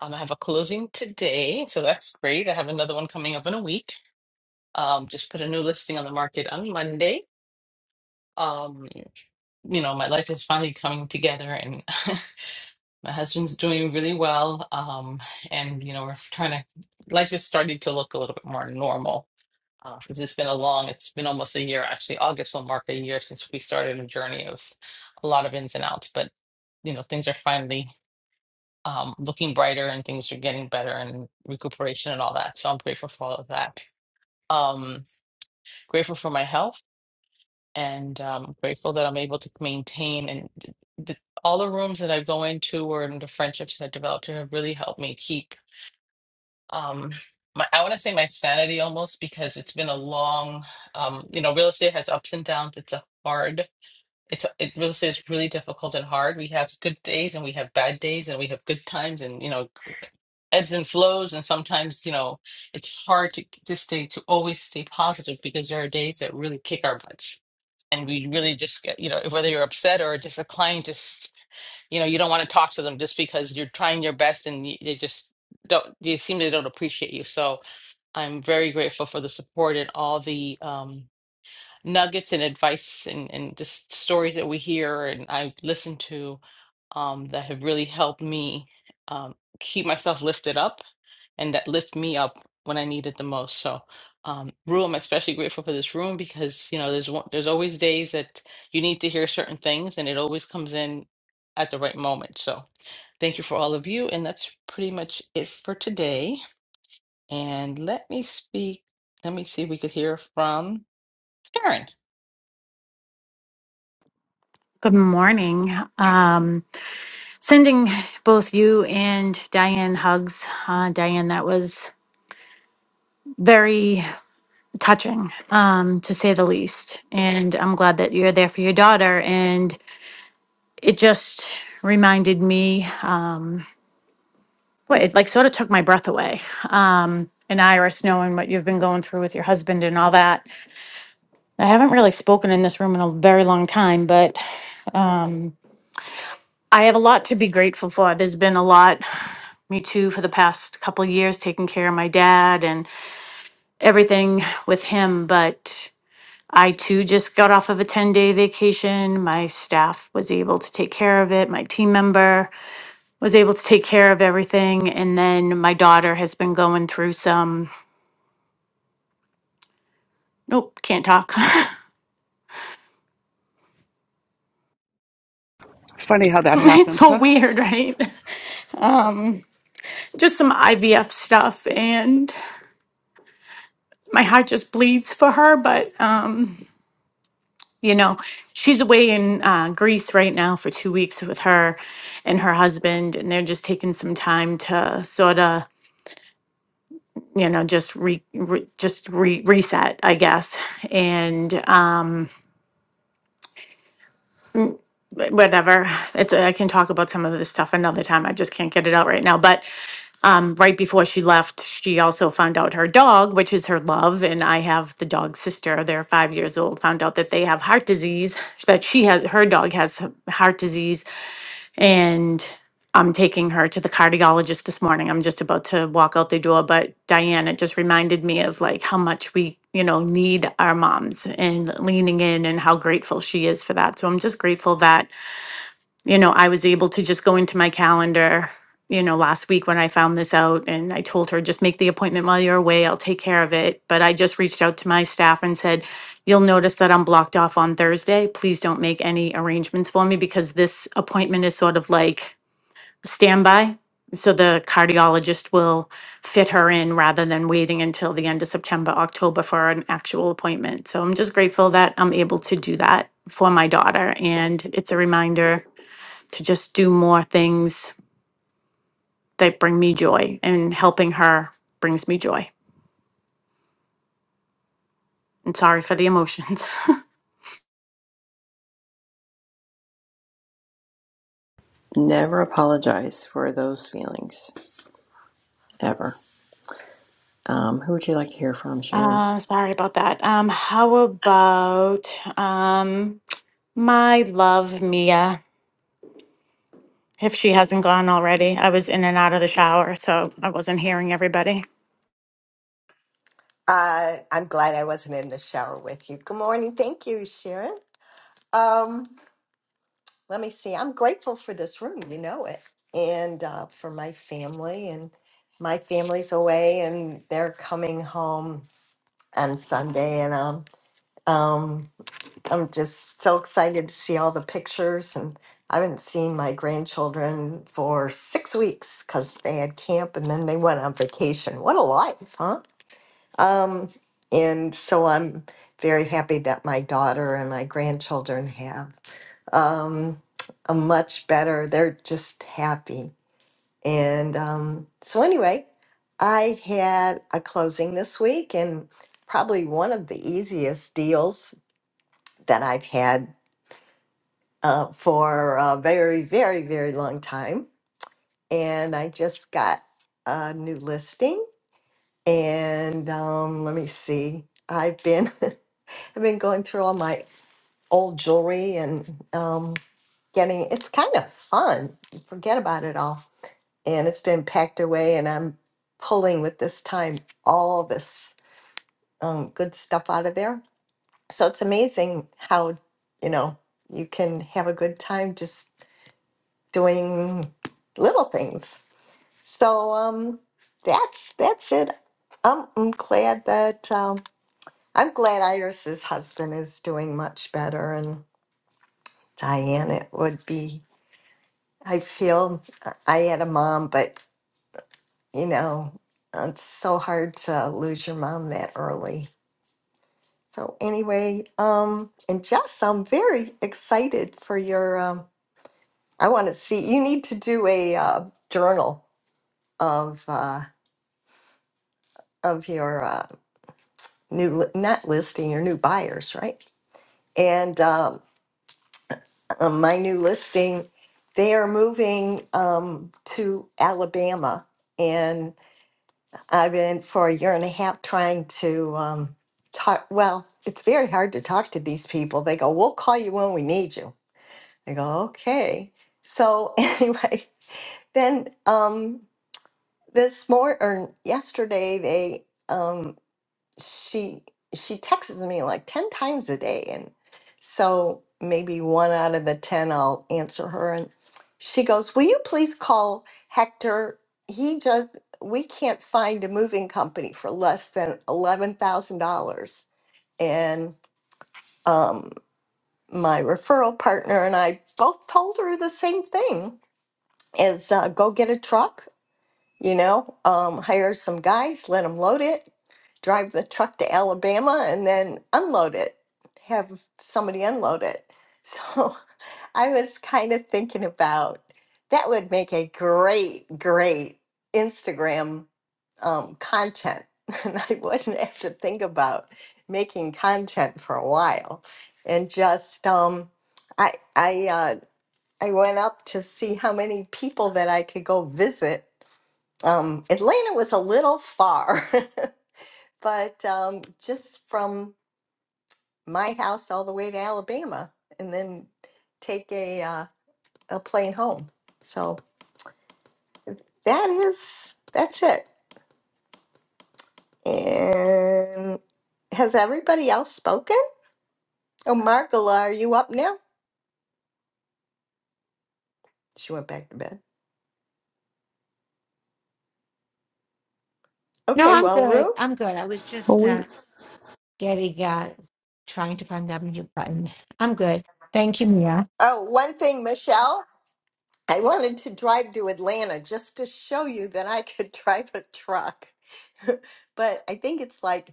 S9: Um, I have a closing today, so that's great. I have another one coming up in a week. Um, just put a new listing on the market on Monday. Um, you know, my life is finally coming together, and my husband's doing really well. Um, and you know, we're trying to. Life is starting to look a little bit more normal Uh, Because 'cause it's been a long, it's been almost a year actually. August will mark a year since we started a journey of a lot of ins and outs, but you know, things are finally um, looking brighter and things are getting better and recuperation and all that. So I'm grateful for all of that. Um, grateful for my health and um, grateful that I'm able to maintain and th- th- all the rooms that I go into or in the friendships that I developed here have really helped me keep. um my, I want to say my sanity almost because it's been a long um you know real estate has ups and downs it's a hard it's a, it real estate is really difficult and hard we have good days and we have bad days and we have good times and you know ebbs and flows and sometimes you know it's hard to to stay to always stay positive because there are days that really kick our butts and we really just get you know whether you're upset or just a client just you know you don't want to talk to them just because you're trying your best and y- they just don't they seem they don't appreciate you so I'm very grateful for the support and all the um, nuggets and advice and, and just stories that we hear and I listen to um, that have really helped me um, keep myself lifted up and that lift me up when I need it the most. So, um, Rue, I'm especially grateful for this room because you know there's one, there's always days that you need to hear certain things and it always comes in at the right moment. So, thank you for all of you, and that's pretty much it for today. And let me speak, let me see if we could hear from Sharon.
S10: Good morning. Um, sending both you and Diane hugs. Uh, Diane, that was very touching, um, to say the least. And I'm glad that you're there for your daughter. And it just reminded me, um, well, it like sort of took my breath away. Um, and Iris, knowing what you've been going through with your husband and all that. I haven't really spoken in this room in a very long time, but um, I have a lot to be grateful for. There's been a lot, me too, for the past couple of years, taking care of my dad and everything with him. But I too just got off of a 10 day vacation. My staff was able to take care of it. My team member was able to take care of everything. And then my daughter has been going through some, nope, can't talk.
S8: funny how that
S10: it's
S8: happens
S10: so
S8: huh
S10: weird, right? Um, just some IVF stuff. And my heart just bleeds for her. But, um, you know she's away in uh, greece right now for two weeks with her and her husband and they're just taking some time to sort of you know just re, re just re, reset i guess and um wh- whatever it's i can talk about some of this stuff another time i just can't get it out right now but um right before she left she also found out her dog which is her love and i have the dog's sister they're five years old found out that they have heart disease that she has her dog has heart disease and I'm taking her to the cardiologist this morning. I'm just about to walk out the door, but Diane, it just reminded me of like how much we, you know, need our moms and leaning in and how grateful she is for that. So I'm just grateful that, you know, I was able to just go into my calendar, you know, last week when I found this out and I told her, just make the appointment while you're away. I'll take care of it. But I just reached out to my staff and said, you'll notice that I'm blocked off on Thursday. Please don't make any arrangements for me because this appointment is sort of like, standby. So the cardiologist will fit her in rather than waiting until the end of September, October for an actual appointment. So I'm just grateful that I'm able to do that for my daughter. And it's a reminder to just do more things that bring me joy, and helping her brings me joy. And sorry for the emotions.
S1: Never apologize for those feelings, ever. Um, who would you like to hear from, Sharon?
S10: uh, sorry about that. Um, how about um, my love, Mia? if she hasn't gone already. I was in and out of the shower, so I wasn't hearing everybody.
S11: Uh, I'm glad I wasn't in the shower with you. Good morning. Thank you, Sharon. Um, let me see. I'm grateful for this room. You know it. And uh, for my family. And my family's away and they're coming home on Sunday. And um, um, I'm just so excited to see all the pictures. And I haven't seen my grandchildren for six weeks because they had camp and then they went on vacation. What a life, huh? Um, and so I'm very happy that my daughter and my grandchildren have um, a much better, they're just happy. And um, so, anyway, I had a closing this week and probably one of the easiest deals that I've had uh, for a very, very, very long time. And I just got a new listing. And um, let me see, I've been. I've been going through all my old jewelry and um, getting it's kind of fun. Forget about it all. And it's been packed away, and I'm pulling with this time all this um, good stuff out of there. So it's amazing how, you know, you can have a good time just doing little things. So um, that's that's it. I'm, I'm glad that um, I'm glad Iris's husband is doing much better, and. Diane, it would be. I feel I had a mom, but you know, it's so hard to lose your mom that early. So anyway, um, and Jess, I'm very excited for your. Um, I want to see. You need to do a uh, journal of uh, of your uh, new li- not listing your new buyers, right? And um, uh, my new listing, they are moving um, to Alabama, and I've been for a year and a half trying to um, talk. Well, it's very hard to talk to these people. They go, "We'll call you when we need you." I go, "Okay." So anyway, then um, this morning or yesterday, they. um, she she texts me like 10 times a day and so maybe one out of the 10 I'll answer her and she goes will you please call Hector he just we can't find a moving company for less than $11,000 and um my referral partner and I both told her the same thing is uh, go get a truck you know, um, hire some guys, let them load it, drive the truck to Alabama, and then unload it. Have somebody unload it. So I was kind of thinking about that would make a great, great Instagram um, content. And I wouldn't have to think about making content for a while. And just, um, I, I, uh, I went up to see how many people that I could go visit um, Atlanta was a little far, but um, just from my house all the way to Alabama, and then take a uh, a plane home. So that is that's it. And has everybody else spoken? Oh, Margola, are you up now? She went back to bed.
S4: No,
S11: Okay,
S4: I'm
S11: well,
S4: good.
S11: Rue.
S4: I'm good. I was
S1: Well,
S4: just
S1: we
S4: uh, getting, uh, trying to find that mute button. I'm good. Thank you, Mia.
S11: Oh, one thing, Michelle. I wanted to drive to Atlanta just to show you that I could drive a truck, but I think it's like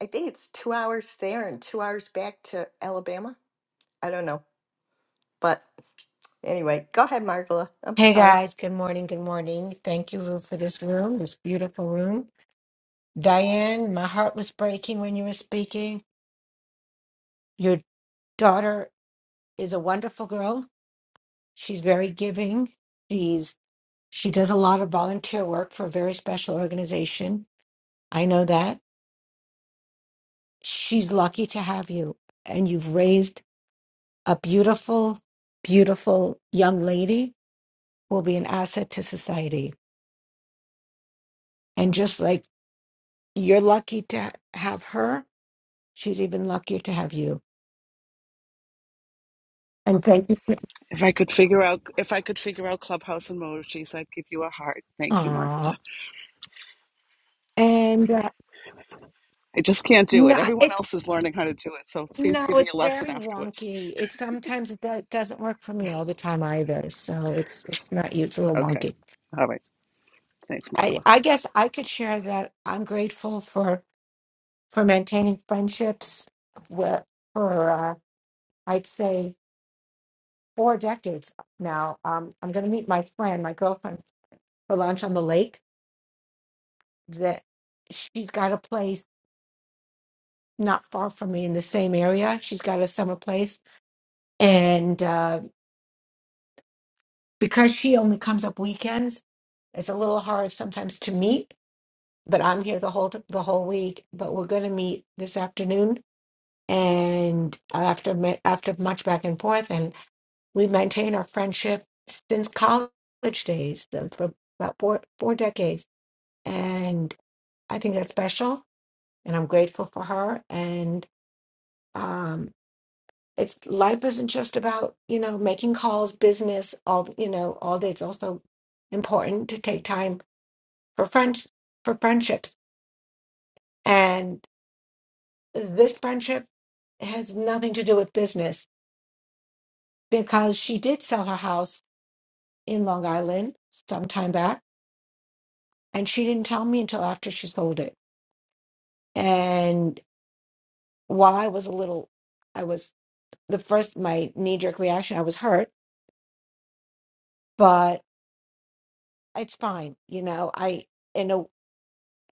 S11: I think it's two hours there and two hours back to Alabama. I don't know. But anyway, go ahead, Margola. I'm
S4: Hey
S11: sorry.
S4: guys, good morning. Good morning. Thank you Rue, for this room, this beautiful room. Diane, my heart was breaking when you were speaking. Your daughter is a wonderful girl. She's very giving. She's she does a lot of volunteer work for a very special organization. I know that. She's lucky to have you and you've raised a beautiful, beautiful young lady who will be an asset to society. And just like you're lucky to have her She's even luckier to have you. And thank you. For,
S8: if i could figure out if i could figure out clubhouse emojis i'd give you a heart thank you Markla.
S4: aw. And uh,
S8: i just can't do it
S4: no,
S8: everyone
S4: it
S8: else is learning how to do it so please
S4: no,
S8: give me
S4: it's
S8: a lesson
S4: very
S8: afterwards
S4: wonky. It sometimes it do, doesn't work for me all the time either. So it's it's not you. It's a little
S8: okay
S4: wonky.
S8: all right thanks
S4: I
S8: Markla.
S4: I guess I could share that I'm grateful for for maintaining friendships where for uh, I'd say four decades now. Um, I'm going to meet my friend, my girlfriend, for lunch on the lake. That she's got a place not far from me in the same area. She's got a summer place. And uh, because she only comes up weekends, it's a little hard sometimes to meet, but I'm here the whole the whole week. But we're going to meet this afternoon and uh, after ma- after much back and forth and we maintain our friendship since college days uh, for about four four decades and I think that's special and I'm grateful for her and um, it's life isn't just about you know making calls business all you know all day it's also important to take time for friends for friendships and this friendship has nothing to do with business because she did sell her house in long island some time back and she didn't tell me until after she sold it and while i was a little i was the first my knee-jerk reaction i was hurt but it's fine you know i in a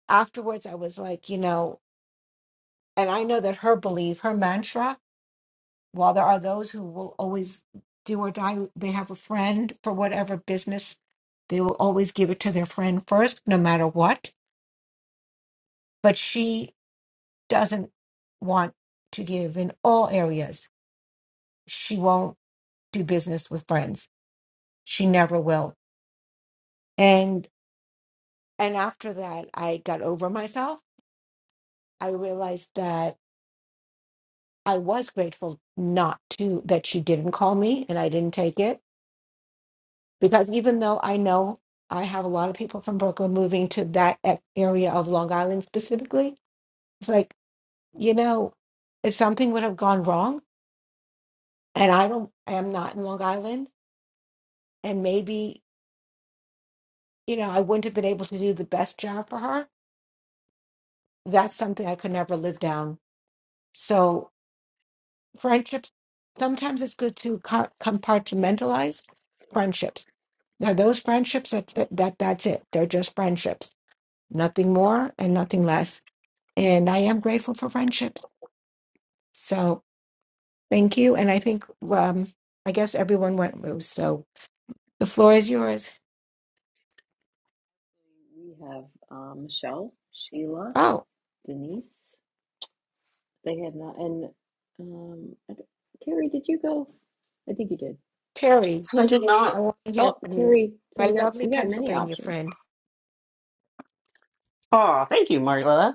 S4: afterwards i was like you know and i know that her belief her mantra while there are those who will always do or die they have a friend for whatever business they will always give it to their friend first no matter what but she doesn't want to give in all areas she won't do business with friends she never will and and after that i got over myself i realized that I was grateful not to that she didn't call me and I didn't take it because even though I know I have a lot of people from Brooklyn moving to that a- area of Long Island specifically, it's like you know if something would have gone wrong and I don't I am not in Long Island and maybe you know I wouldn't have been able to do the best job for her. That's something I could never live down. So friendships sometimes it's good to co- compartmentalize friendships now those friendships that's it, that that's it they're just friendships nothing more and nothing less and i am grateful for friendships so thank you and i think um i guess everyone went through so the floor is yours
S1: We have um, Michelle, Sheila,
S4: oh
S1: Denise. They had not, and um, I d- Terry, did you go? I think you did.
S4: terry
S2: I did not.
S4: i want to hear
S1: Oh,
S4: from you
S1: we
S4: my lovely
S1: got many
S4: pennsylvania
S1: options.
S4: friend
S2: oh thank you marla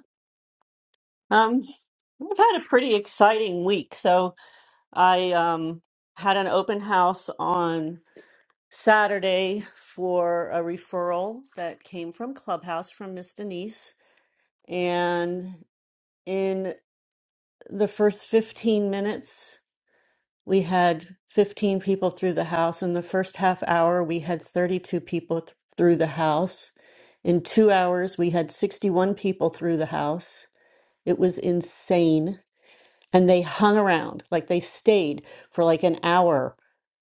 S2: Um, I've had a pretty exciting week. So I um, had an open house on Saturday for a referral that came from Clubhouse from Miss Denise. And in the first 15 minutes, we had 15 people through the house. In the first half hour, we had 32 people th- through the house. In two hours, we had 61 people through the house. It was insane and they hung around like they stayed for like an hour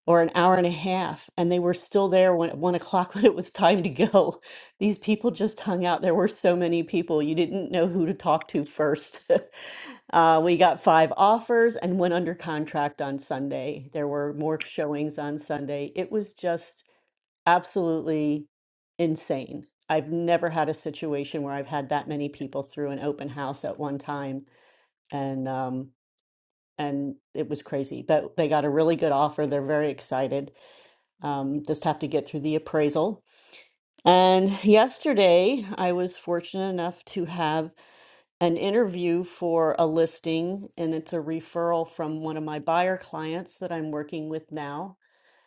S2: or an hour and a half and they were still there when at one o'clock when it was time to go these people just hung out there were so many people you didn't know who to talk to first uh, we got five offers and went under contract on sunday there were more showings on sunday it was just absolutely insane i've never had a situation where i've had that many people through an open house at one time and um, and it was crazy. But they got a really good offer. They're very excited. Um, just have to get through the appraisal. And yesterday, I was fortunate enough to have an interview for a listing, and it's a referral from one of my buyer clients that I'm working with now.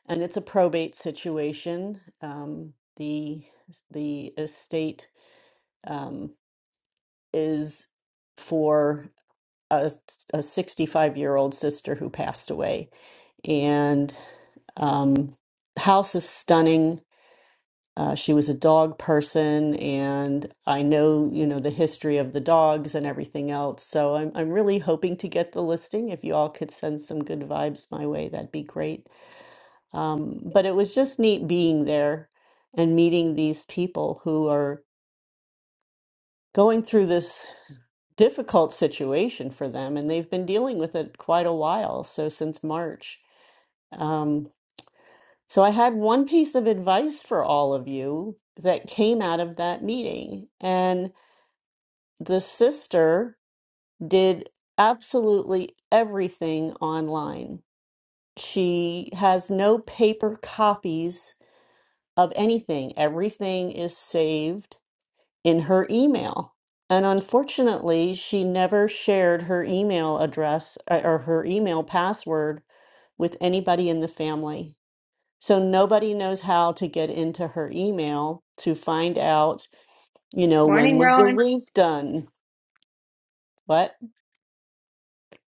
S2: And it's a probate situation. Um, the the estate um, is for a, a 65 year old sister who passed away and um, the house is stunning. Uh, she was a dog person, and I know you know the history of the dogs and everything else. So I'm I'm really hoping to get the listing. If you all could send some good vibes my way, that'd be great. Um, but it was just neat being there and meeting these people who are going through this difficult situation for them, and they've been dealing with it quite a while. So since March. Um, So I had one piece of advice for all of you that came out of that meeting. And the sister did absolutely everything online. She has no paper copies of anything, everything is saved in her email. And unfortunately, she never shared her email address uh, or her email password with anybody in the family. So nobody knows how to get into her email to find out, you know, when
S12: Morning,
S2: was the
S12: Rowan.
S2: roof done? What?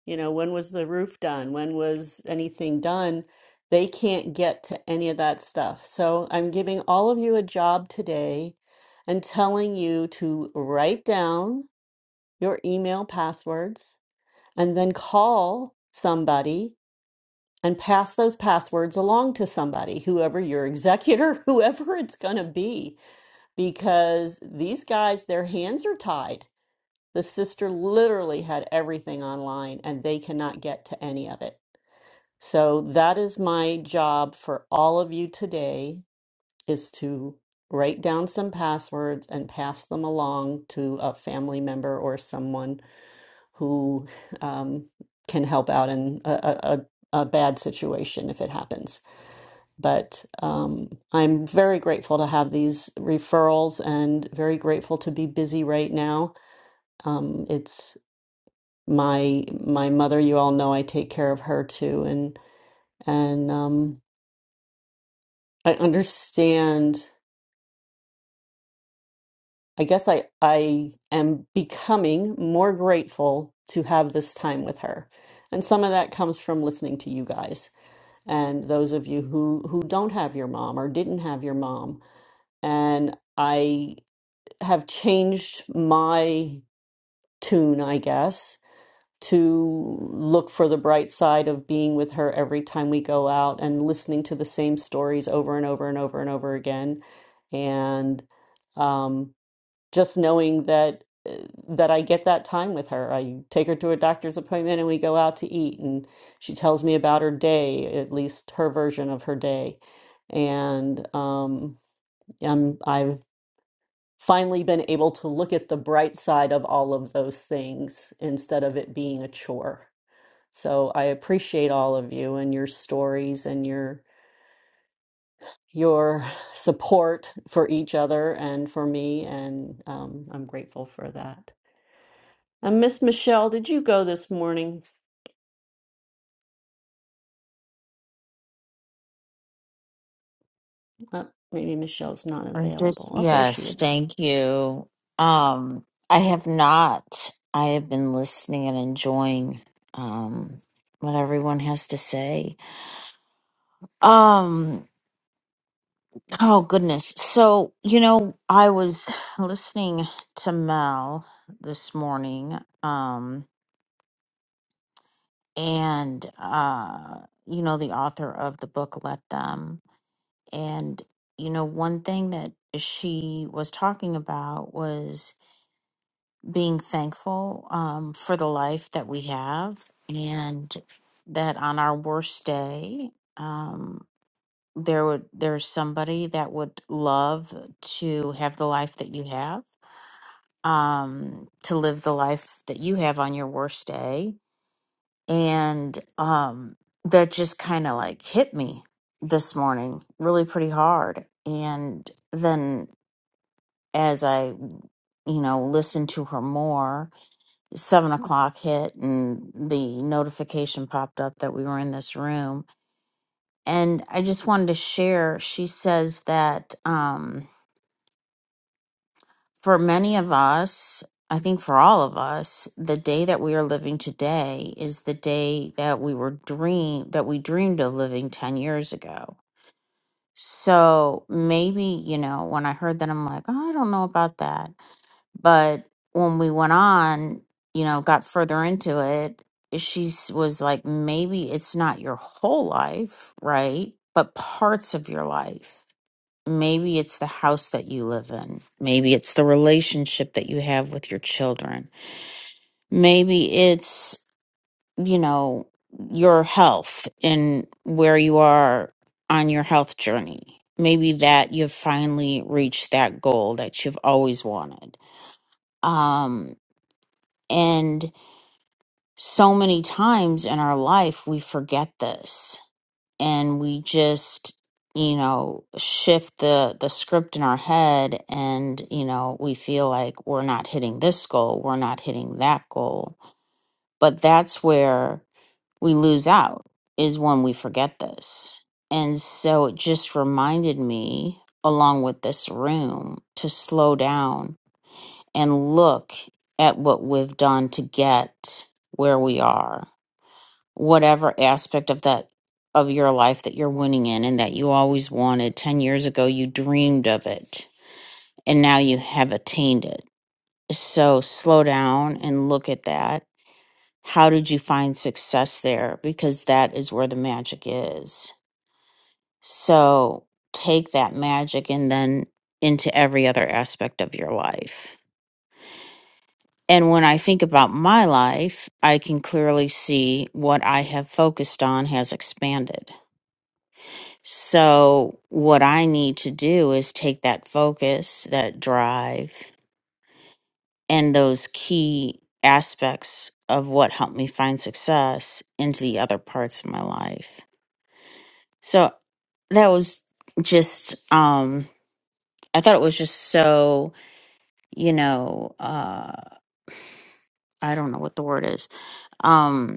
S2: You know, when was the roof done? When was anything done? They can't get to any of that stuff. So I'm giving all of you a job today and telling you to write down your email passwords and then call somebody and pass those passwords along to somebody, whoever your executor, whoever it's going to be because these guys, their hands are tied. The sister literally had everything online and they cannot get to any of it. So that is my job for all of you today is to write down some passwords and pass them along to a family member or someone who um, can help out in a, a, a a bad situation if it happens. But um, I'm very grateful to have these referrals and very grateful to be busy right now. Um, it's my my mother, you all know I take care of her too, and and um, I understand. I guess I I am becoming more grateful to have this time with her. And some of that comes from listening to you guys and those of you who who don't have your mom or didn't have your mom. And I have changed my tune, I guess, to look for the bright side of being with her every time we go out and listening to the same stories over and over and over and over again. And um, just knowing that uh, that I get that time with her. I take her to a doctor's appointment and we go out to eat and she tells me about her day, at least her version of her day. And um, I'm, I've finally been able to look at the bright side of all of those things instead of it being a chore. So I appreciate all of you and your stories and your your support for each other and for me, and um, I'm grateful for that. And Miss Michelle, did you go this morning? Uh, maybe Michelle's not
S13: I'm just
S2: available. Oh, there she
S13: yes,
S2: is.
S13: thank you. Um, I have not. I have been listening and enjoying um what everyone has to say. Um, oh goodness. So, you know, I was listening to Mel this morning, um, and uh, you know, the author of the book Let Them. And, you know, one thing that she was talking about was being thankful um, for the life that we have, and that on our worst day, um, there would there's somebody that would love to have the life that you have, um, to live the life that you have on your worst day, and um, that just kind of like hit me this morning, really pretty hard, and then as I you know listened to her more seven o'clock hit and the notification popped up that we were in this room. And I just wanted to share, she says that um, for many of us, I think for all of us, the day that we are living today is the day that we were dream that we dreamed of living 10 years ago. So maybe, you know, when I heard that, I'm like, oh, I don't know about that But when we went on, you know, got further into it, she s- was like, maybe it's not your whole life, right? But parts of your life. Maybe it's the house that you live in. Maybe it's the relationship that you have with your children. Maybe it's, you know, your health and where you are on your health journey. Maybe that you've finally reached that goal that you've always wanted. Um, and so many times in our life, we forget this and we just, you know, shift the, the script in our head and, you know, we feel like we're not hitting this goal, we're not hitting that goal. But that's where we lose out is when we forget this. And so it just reminded me, along with this room, to slow down and look at what we've done to get where we are whatever aspect of that of your life that you're winning in and that you always wanted 10 years ago you dreamed of it and now you have attained it so slow down and look at that how did you find success there because that is where the magic is so take that magic and then into every other aspect of your life And when I think about my life, I can clearly see what I have focused on has expanded. So, what I need to do is take that focus, that drive, and those key aspects of what helped me find success into the other parts of my life. So, that was just, um, I thought it was just so, you know, uh, I don't know what the word is. Um,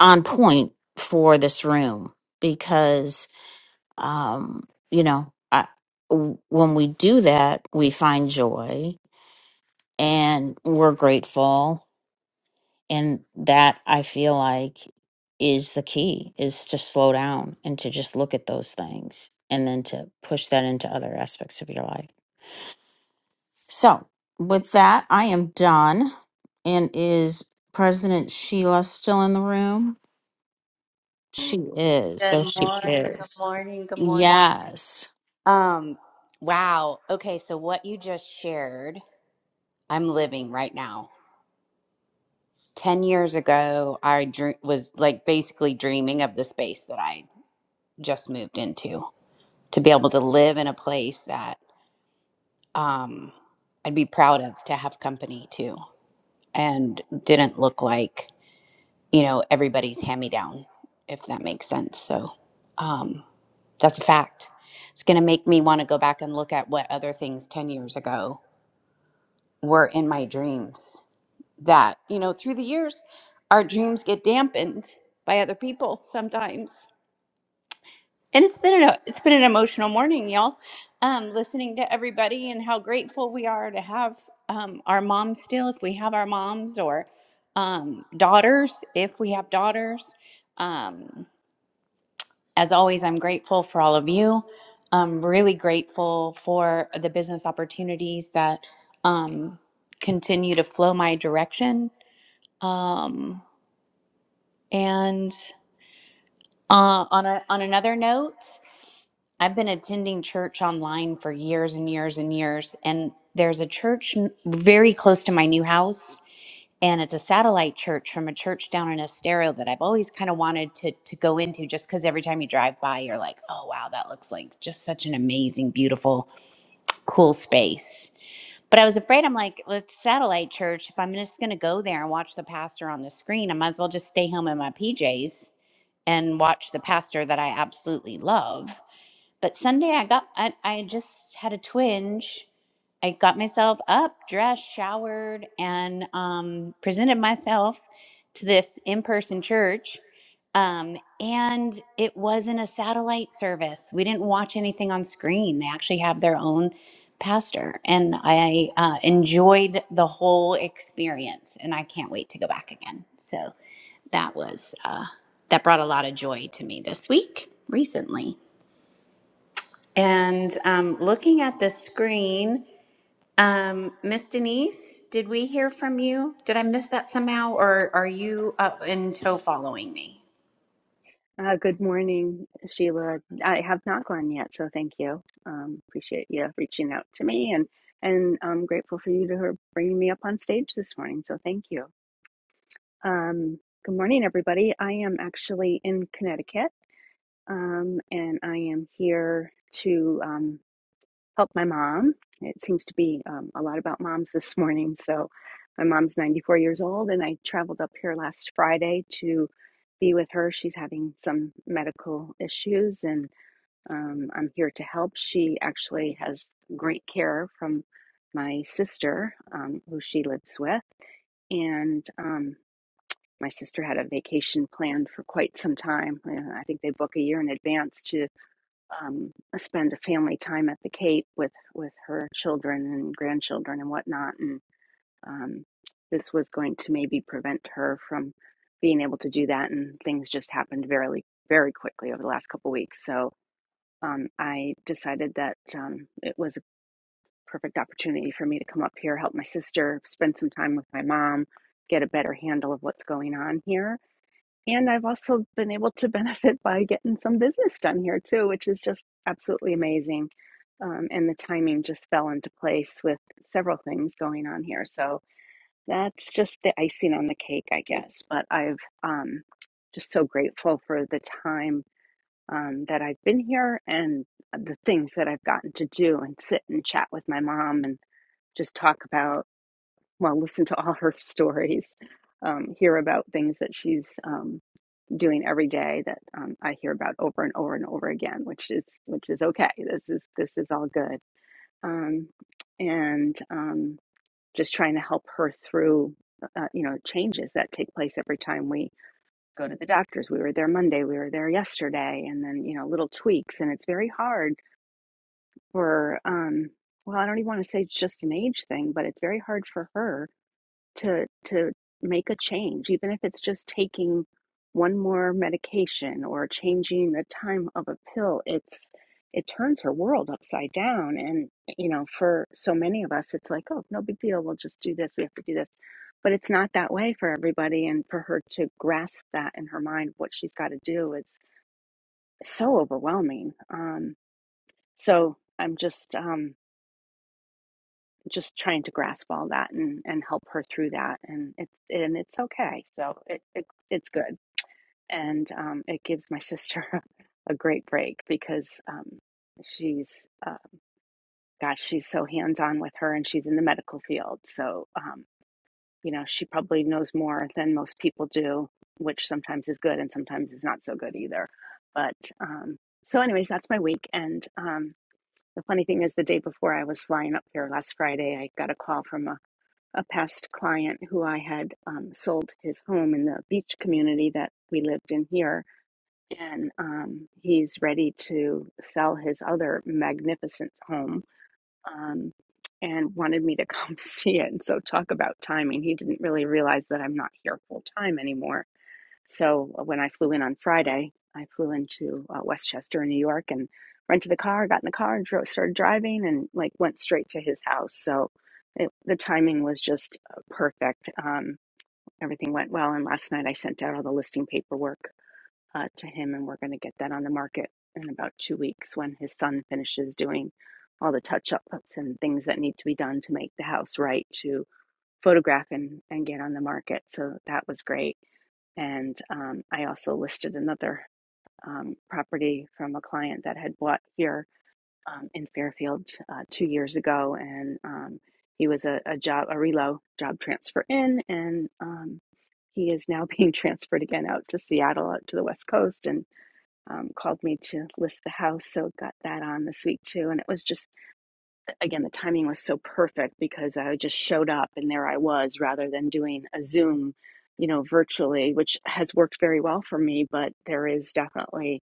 S13: on point for this room because um you know I, w- when we do that we find joy and we're grateful and that i feel like is the key is to slow down and to just look at those things and then to push that into other aspects of your life so with that i am done and is president sheila still in the room She is.
S14: Good
S13: There she
S14: morning. Good
S13: is.
S14: morning. Good morning.
S13: Yes.
S14: Um, wow. Okay, so what you just shared, I'm living right now. 10 years ago, I dream- was like basically dreaming of the space that I just moved into to be able to live in a place that um I'd be proud of to have company to and didn't look like you know, everybody's hand me down, if that makes sense. So um, that's a fact. It's going to make me want to go back and look at what other things 10 years ago were in my dreams that, you know, through the years, our dreams get dampened by other people sometimes. And it's been an, it's been an emotional morning, y'all. Um, listening to everybody and how grateful we are to have um, our moms still, if we have our moms, or um, daughters, if we have daughters. Um, as always, I'm grateful for all of you. I'm really grateful for the business opportunities that um, continue to flow my direction. Um, and uh, on a, on another note, I've been attending church online for years and years and years, and there's a church n- very close to my new house and it's a satellite church from a church down in Estero that I've always kind of wanted to to go into just because every time you drive by you're like, oh wow, that looks like just such an amazing, beautiful, cool space. But I was afraid, I'm like, well, it's satellite church. If I'm just going to go there and watch the pastor on the screen, I might as well just stay home in my PJs and watch the pastor that I absolutely love. But Sunday, I got, I, I just had a twinge. I got myself up, dressed, showered, and um, presented myself to this in person church. Um, and it wasn't a satellite service. We didn't watch anything on screen. They actually have their own pastor, and I uh, enjoyed the whole experience, and I can't wait to go back again. So that was uh, that brought a lot of joy to me this week recently. And um, looking at the screen, um, Miss Denise, did we hear from you? Did I miss that somehow, or are you up in tow following me?
S12: Uh, good morning, Sheila. I have not gone yet, so thank you. Um, appreciate you reaching out to me, and and I'm grateful for you to bringing me up on stage this morning. So thank you. Um, good morning, everybody. I am actually in Connecticut, um, and I am here to. um, help my mom. It seems to be um, a lot about moms this morning. So, my mom's 94 years old, and I traveled up here last Friday to be with her. She's having some medical issues, and um, I'm here to help. She actually has great care from my sister, um, who she lives with, and um, my sister had a vacation planned for quite some time. Uh, I think they book a year in advance to um, spend a family time at the Cape with with her children and grandchildren and whatnot, and um, this was going to maybe prevent her from being able to do that. And things just happened very very quickly over the last couple of weeks. So um, I decided that um, it was a perfect opportunity for me to come up here, help my sister, spend some time with my mom, get a better handle of what's going on here and I've also been able to benefit by getting some business done here too, which is just absolutely amazing. Um, and the timing just fell into place with several things going on here. So that's just the icing on the cake, I guess. But I've um, just so grateful for the time um, that I've been here and the things that I've gotten to do and sit and chat with my mom and just talk about, well, listen to all her stories, um, hear about things that she's um, doing every day that um, I hear about over and over and over again, which is which is okay. This is this is all good, um, and um, just trying to help her through uh, you know changes that take place every time we go to the doctors. We were there Monday, we were there yesterday, and then you know little tweaks, and it's very hard for um, well, I don't even want to say it's just an age thing, but it's very hard for her to to make a change even if it's just taking one more medication or changing the time of a pill it's it turns her world upside down and you know for so many of us it's like oh no big deal we'll just do this we have to do this but it's not that way for everybody and for her to grasp that in her mind what she's got to do is so overwhelming um so i'm just um just trying to grasp all that and and help her through that and it's and it's okay so it, it it's good and um it gives my sister a great break because um she's uh gosh she's so hands-on with her and she's in the medical field so um you know she probably knows more than most people do which sometimes is good and sometimes is not so good either but um so anyways that's my week and um the funny thing is the day before i was flying up here last friday i got a call from a a past client who I had um, sold his home in the beach community that we lived in here. And um, he's ready to sell his other magnificent home um, and wanted me to come see it. And so, talk about timing. He didn't really realize that I'm not here full time anymore so uh, when I flew in on Friday, I flew into uh, Westchester, New York, and rented a car, got in the car, and drove, started driving, and like went straight to his house. So it, the timing was just uh, perfect. Um, everything went well, and last night I sent out all the listing paperwork uh, to him, and we're going to get that on the market in about two weeks when his son finishes doing all the touch ups and things that need to be done to make the house right to photograph and, and get on the market. So that was great and um, I also listed another um, property from a client that had bought here um, in Fairfield uh, two years ago. And um, he was a, a job, a relo job transfer in. And um, he is now being transferred again out to Seattle, out to the West Coast, and um, called me to list the house. So got that on this week too. And it was just again, the timing was so perfect because I just showed up and there I was rather than doing a Zoom, you know, virtually, which has worked very well for me. But there is definitely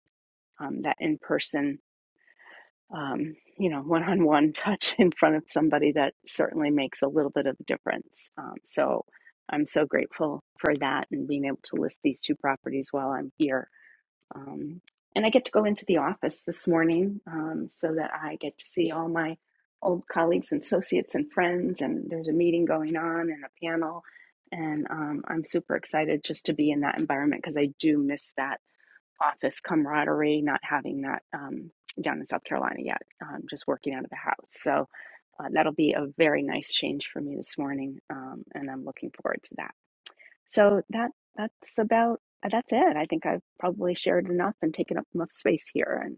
S12: um, that in person, um, you know, one on one touch in front of somebody that certainly makes a little bit of a difference. Um, so I'm so grateful for that and being able to list these two properties while I'm here. Um, and I get to go into the office this morning um, so that I get to see all my old colleagues and associates and friends. And there's a meeting going on and a panel. And um, I'm super excited just to be in that environment because I do miss that office camaraderie, not having that um, down in South Carolina yet, um, just working out of the house. So uh, that'll be a very nice change for me this morning. Um, and I'm looking forward to that. So that that's about uh, that's it. I think I've probably shared enough and taken up enough space here, and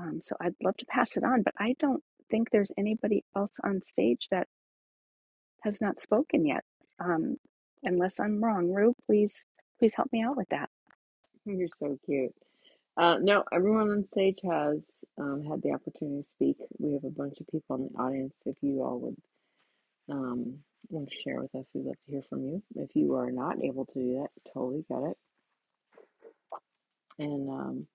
S12: um, so I'd love to pass it on. But I don't think there's anybody else on stage that has not spoken yet, um, unless I'm wrong. Rue, please please help me out with that.
S1: You're so cute. Uh, no, everyone on stage has um, had the opportunity to speak. We have a bunch of people in the audience. If you all would. um, and share with us. We'd love to hear from you. If you are not able to do that, totally get it. And um,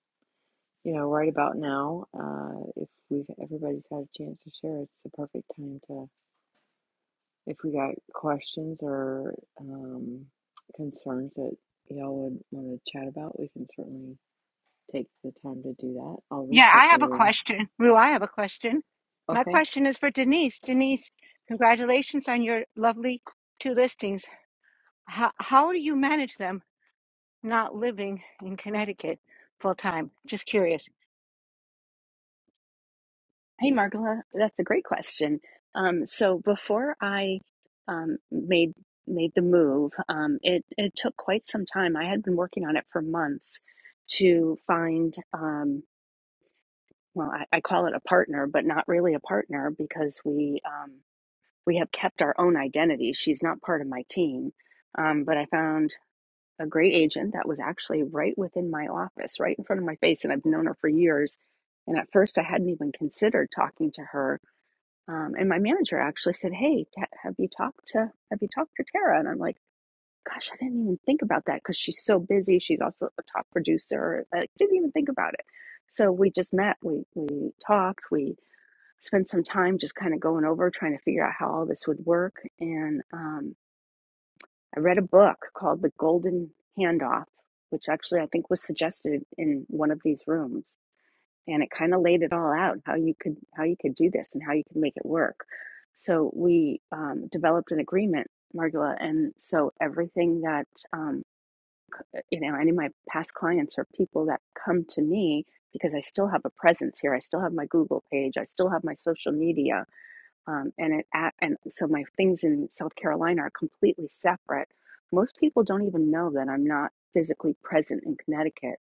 S1: you know, right about now, uh, if we've everybody's had a chance to share, it's the perfect time to. If we got questions or um, concerns that y'all would want to chat about, we can certainly take the time to do that. I'll
S4: Yeah,
S1: reset
S4: I
S1: the
S4: have a
S1: room.
S4: question. Rue, I have a question. My
S1: Okay,
S4: question is for Denise. Denise, congratulations on your lovely two listings. How how do you manage them? Not in in kid full.
S12: Hey, Margola, that's a great question. Um, so before I um, made made the move, um, it it took quite some time. I had been working on it for months to find. Um, well, I, I call it a partner, but not really a partner because we um, we have kept our own identity. She's not part of my team, um, but I found a great agent that was actually right within my office, right in front of my face, and I've known her for years. And at first, I hadn't even considered talking to her um, and my manager actually said, "Hey, have you talked to have you talked to Tara?" And I'm like, "Gosh, I didn't even think about that because she's so busy. She's also a top producer. I didn't even think about it." So we just met. We we talked. We spent some time just kind of going over trying to figure out how all this would work. And um, I read a book called The Golden Handoff, which actually I think was suggested in one of these rooms and it kind of laid it all out how you could how you could do this and how you could make it work so we um, developed an agreement margula and so everything that um, you know any of my past clients or people that come to me because i still have a presence here i still have my google page i still have my social media um, and it at, and so my things in south carolina are completely separate most people don't even know that i'm not physically present in connecticut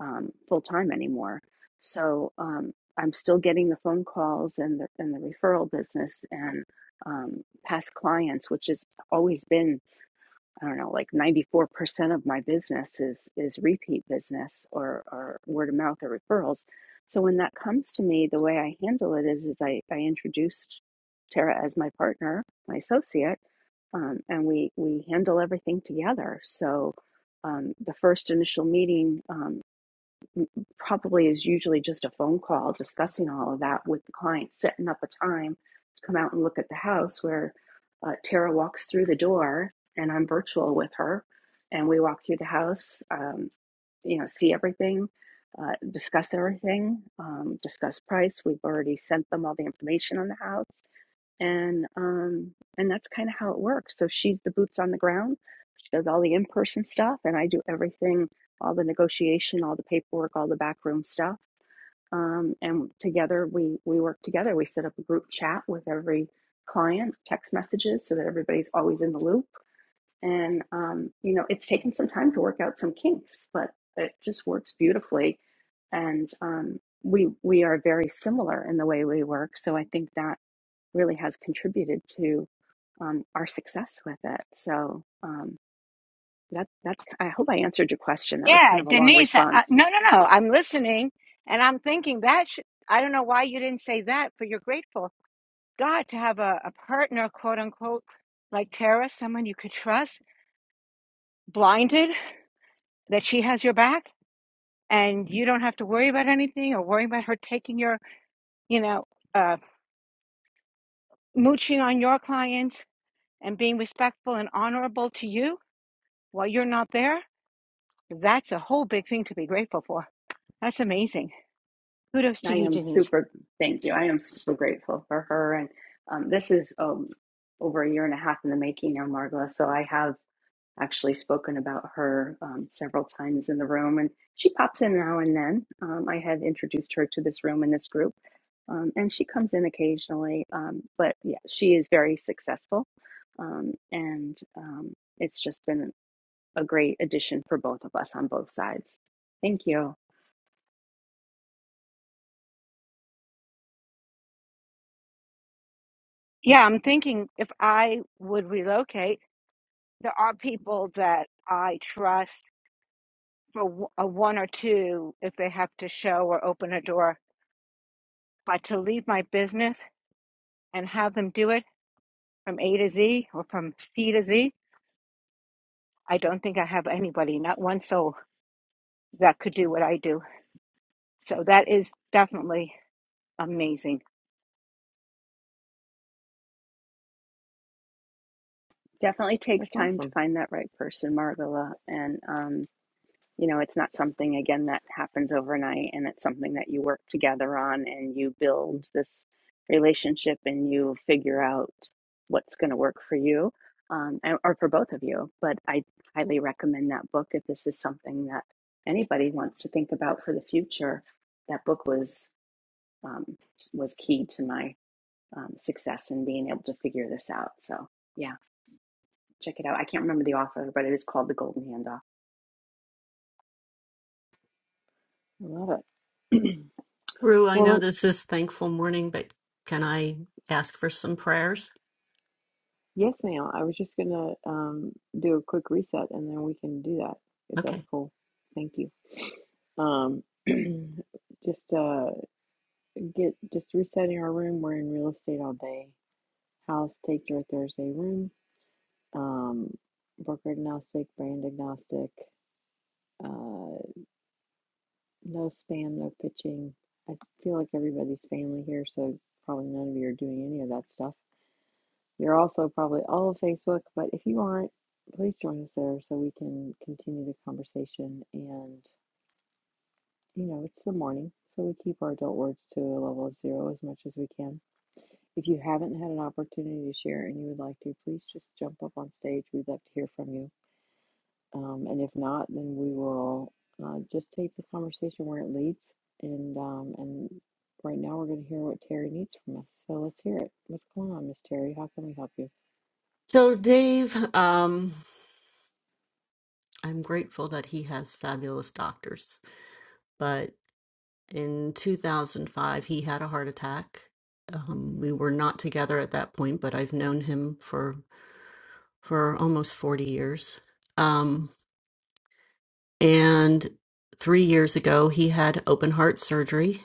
S12: um, full time anymore. So um, I'm still getting the phone calls and the and the referral business and um, past clients, which has always been I don't know like 94 percent of my business is is repeat business or or word of mouth or referrals. So when that comes to me, the way I handle it is is I, I introduced Tara as my partner, my associate, um, and we we handle everything together. So um, the first initial meeting. um, probably is usually just a phone call discussing all of that with the client, setting up a time to come out and look at the house where uh, Tara walks through the door and I'm virtual with her. And we walk through the house, um, you know, see everything, uh, discuss everything, um, discuss price. We've already sent them all the information on the house and um and that's kind of how it works so she's the boots on the ground she does all the in-person stuff and i do everything all the negotiation all the paperwork all the backroom stuff um, and together we we work together we set up a group chat with every client text messages so that everybody's always in the loop and um, you know it's taken some time to work out some kinks but it just works beautifully and um, we we are very similar in the way we work so i think that really has contributed to um, our success with it. So um, that that's I hope I answered your question. That was
S4: Yeah,
S12: kind of a long
S4: Denise. I,
S12: response.
S4: I- no, no, no. I'm listening, and I'm thinking that should, I don't know why you didn't say that, but you're grateful. God to have a, a partner, quote unquote, like Tara, someone you could trust, blinded that she has your back, and you don't have to worry about anything or worry about her taking your, you know. uh, mooching on your clients and being respectful and honorable to you while you're not there, that's a whole big thing to be grateful for. That's amazing. Kudos to
S12: I
S4: you,
S12: am
S4: Denise.
S12: super thank you. I am super grateful for her, and um, this is um, over a year and a half in the making now, Margola. So I have. actually spoken about her um, several times in the room, and she pops in now and then. Um, I had introduced her to this room and this group, um, and she comes in occasionally. Um, but yeah, she is very successful, um, and um, it's just been a great addition for both of us on both sides. Thank you.
S4: Yeah, I'm thinking if I would relocate, there are people that I trust for w- a one or two if they have to show or open a door. But to leave my business and have them do it from A to Z or from C to Z, I don't think I have anybody, not one soul, that could do what I do. So that is definitely amazing.
S12: Definitely takes
S1: that's
S12: time to
S1: awesome.
S12: find that right person, Margala, and. um, You know, it's not something, again, that happens overnight, and it's something that you work together on and you build this relationship and you figure out what's going to work for you um, and- or for both of you. But I highly recommend that book if this is something that anybody wants to think about for the future. That book was um, was key to my um, success in being able to figure this out. So, yeah. Check it out. I can't remember the author, but it is called The Golden Handoff.
S1: I love it.
S2: Rue, I know
S1: well,
S2: this is thankful morning, but can I ask for some prayers?
S1: Yes, ma'am. I was just gonna um, do a quick reset and then we can do that if that's
S2: Okay.
S1: cool. Thank you. Um, just uh, get just resetting our room. We're in real estate all day. House take your Thursday room. Um, broker agnostic, brand agnostic. Uh, no spam, no pitching. I feel like everybody's family here, so probably none of you are doing any of that stuff. You're also probably all of Facebook, but if you aren't, please join us there so we can continue the conversation. And, you know, it's the morning, so we keep our adult words to a level of zero as much as we can. If you haven't had an opportunity to share and you would like to, please just jump up on stage. We'd love to hear from you. Um, and if not, then we will uh, just take the conversation where it leads. And um, and right now we're going to hear what Terry needs from us. So let's hear it. What's going on, Miss Terry? How can we help you?
S2: So, Dave, um, I'm grateful that he has fabulous doctors. But in 2005, he had a heart attack. Um, we were not together at that point, but I've known him for for almost 40 years. Um, and three years ago, he had open heart surgery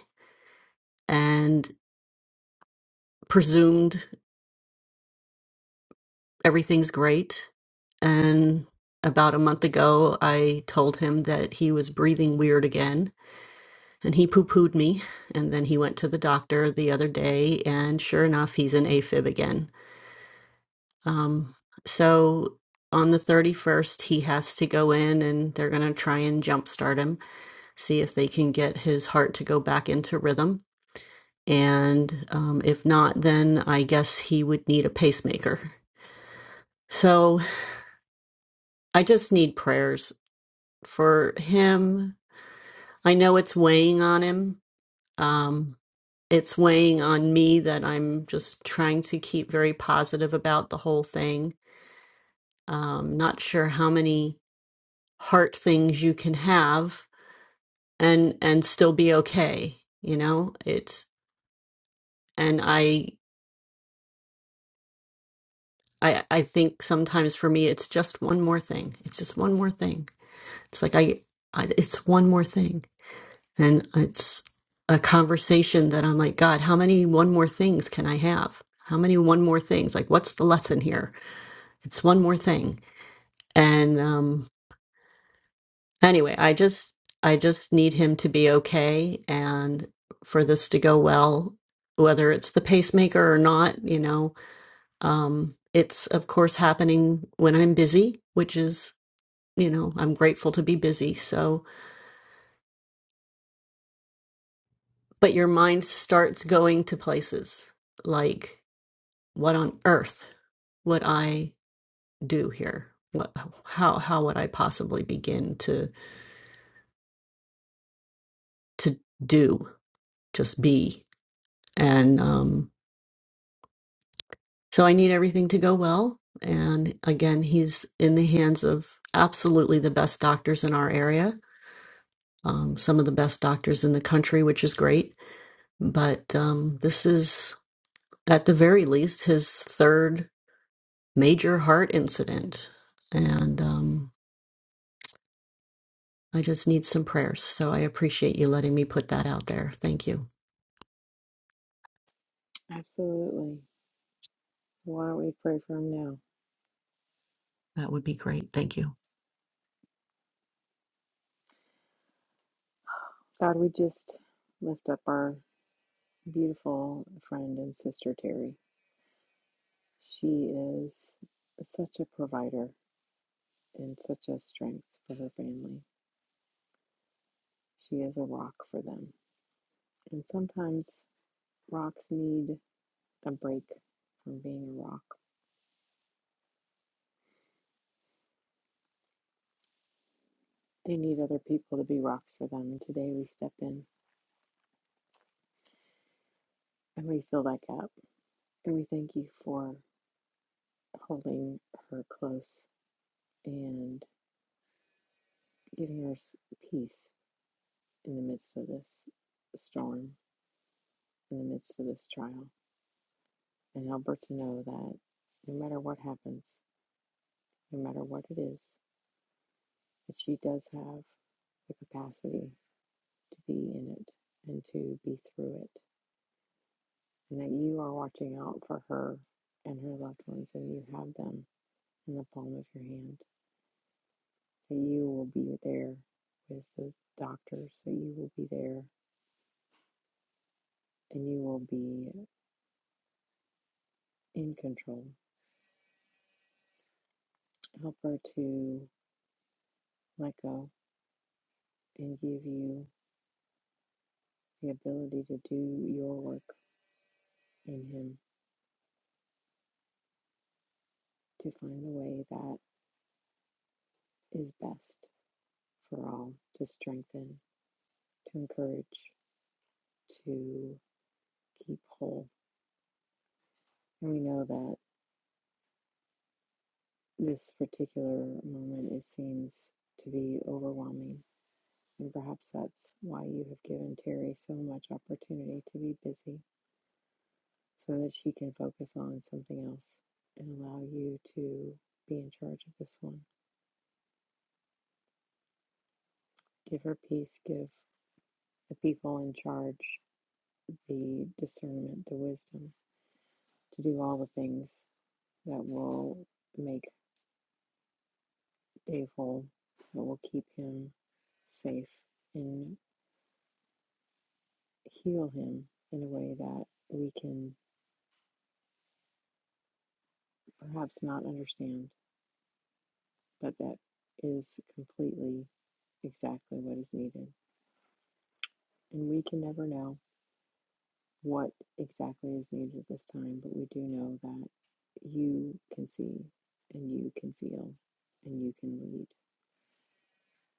S2: and presumed everything's great. And about a month ago, I told him that he was breathing weird again And he poo pooed me. And then he went to the doctor the other day, and sure enough, he's an AFib again. Um, so on the 31st, he has to go in and they're going to try and jumpstart him, see if they can get his heart to go back into rhythm. And um, if not, then I guess he would need a pacemaker. So I just need prayers for him. I know it's weighing on him. Um, it's weighing on me that I'm just trying to keep very positive about the whole thing. Um, not sure how many heart things you can have and and still be okay. You know, it's and I I I think sometimes for me it's just one more thing. It's just one more thing. It's like I, I it's one more thing, and it's a conversation that I'm like, God, how many one more things can I have? How many one more things? Like, what's the lesson here? It's one more thing and um anyway i just i just need him to be okay and for this to go well whether it's the pacemaker or not you know um it's of course happening when i'm busy which is you know i'm grateful to be busy so but your mind starts going to places like what on earth would i do here what how how would i possibly begin to to do just be and um So I need everything to go well. And again, he's in the hands of absolutely the best doctors in our area, um, some of the best doctors in the country, which is great. But um, this is, at the very least, his third major heart incident. And um, I just need some prayers. So I appreciate you letting me put that out there. Thank you.
S1: Absolutely. Why don't we pray for him now?
S2: That would be great. Thank you.
S1: God, we just lift up our beautiful friend and sister Terry. She is such a provider and such a strength for her family. She is a rock for them. And sometimes rocks need a break from being a rock. They need other people to be rocks for them. And today we step in and we fill that gap. And we thank you for holding her close and giving her peace in the midst of this storm, in the midst of this trial, and help her to know that no matter what happens, no matter what it is, that she does have the capacity to be in it and to be through it, and that you are watching out for her and her loved ones, and you have them in the palm of your hand, that you will be there with the doctors, that you will be there and you will be in control. Help her to let go and give you the ability to do your work in Him, to find the way that is best for all, to strengthen, to encourage, to keep whole. And we know that this particular moment, it seems to be overwhelming. And perhaps that's why you have given Terry so much opportunity to be busy so that she can focus on something else and allow you to be in charge of this one. Give her peace, give the people in charge the discernment, the wisdom to do all the things that will make Dave whole, that will keep him safe and heal him in a way that we can perhaps not understand, but that is completely exactly what is needed. And we can never know what exactly is needed at this time, but we do know that you can see and you can feel and you can lead.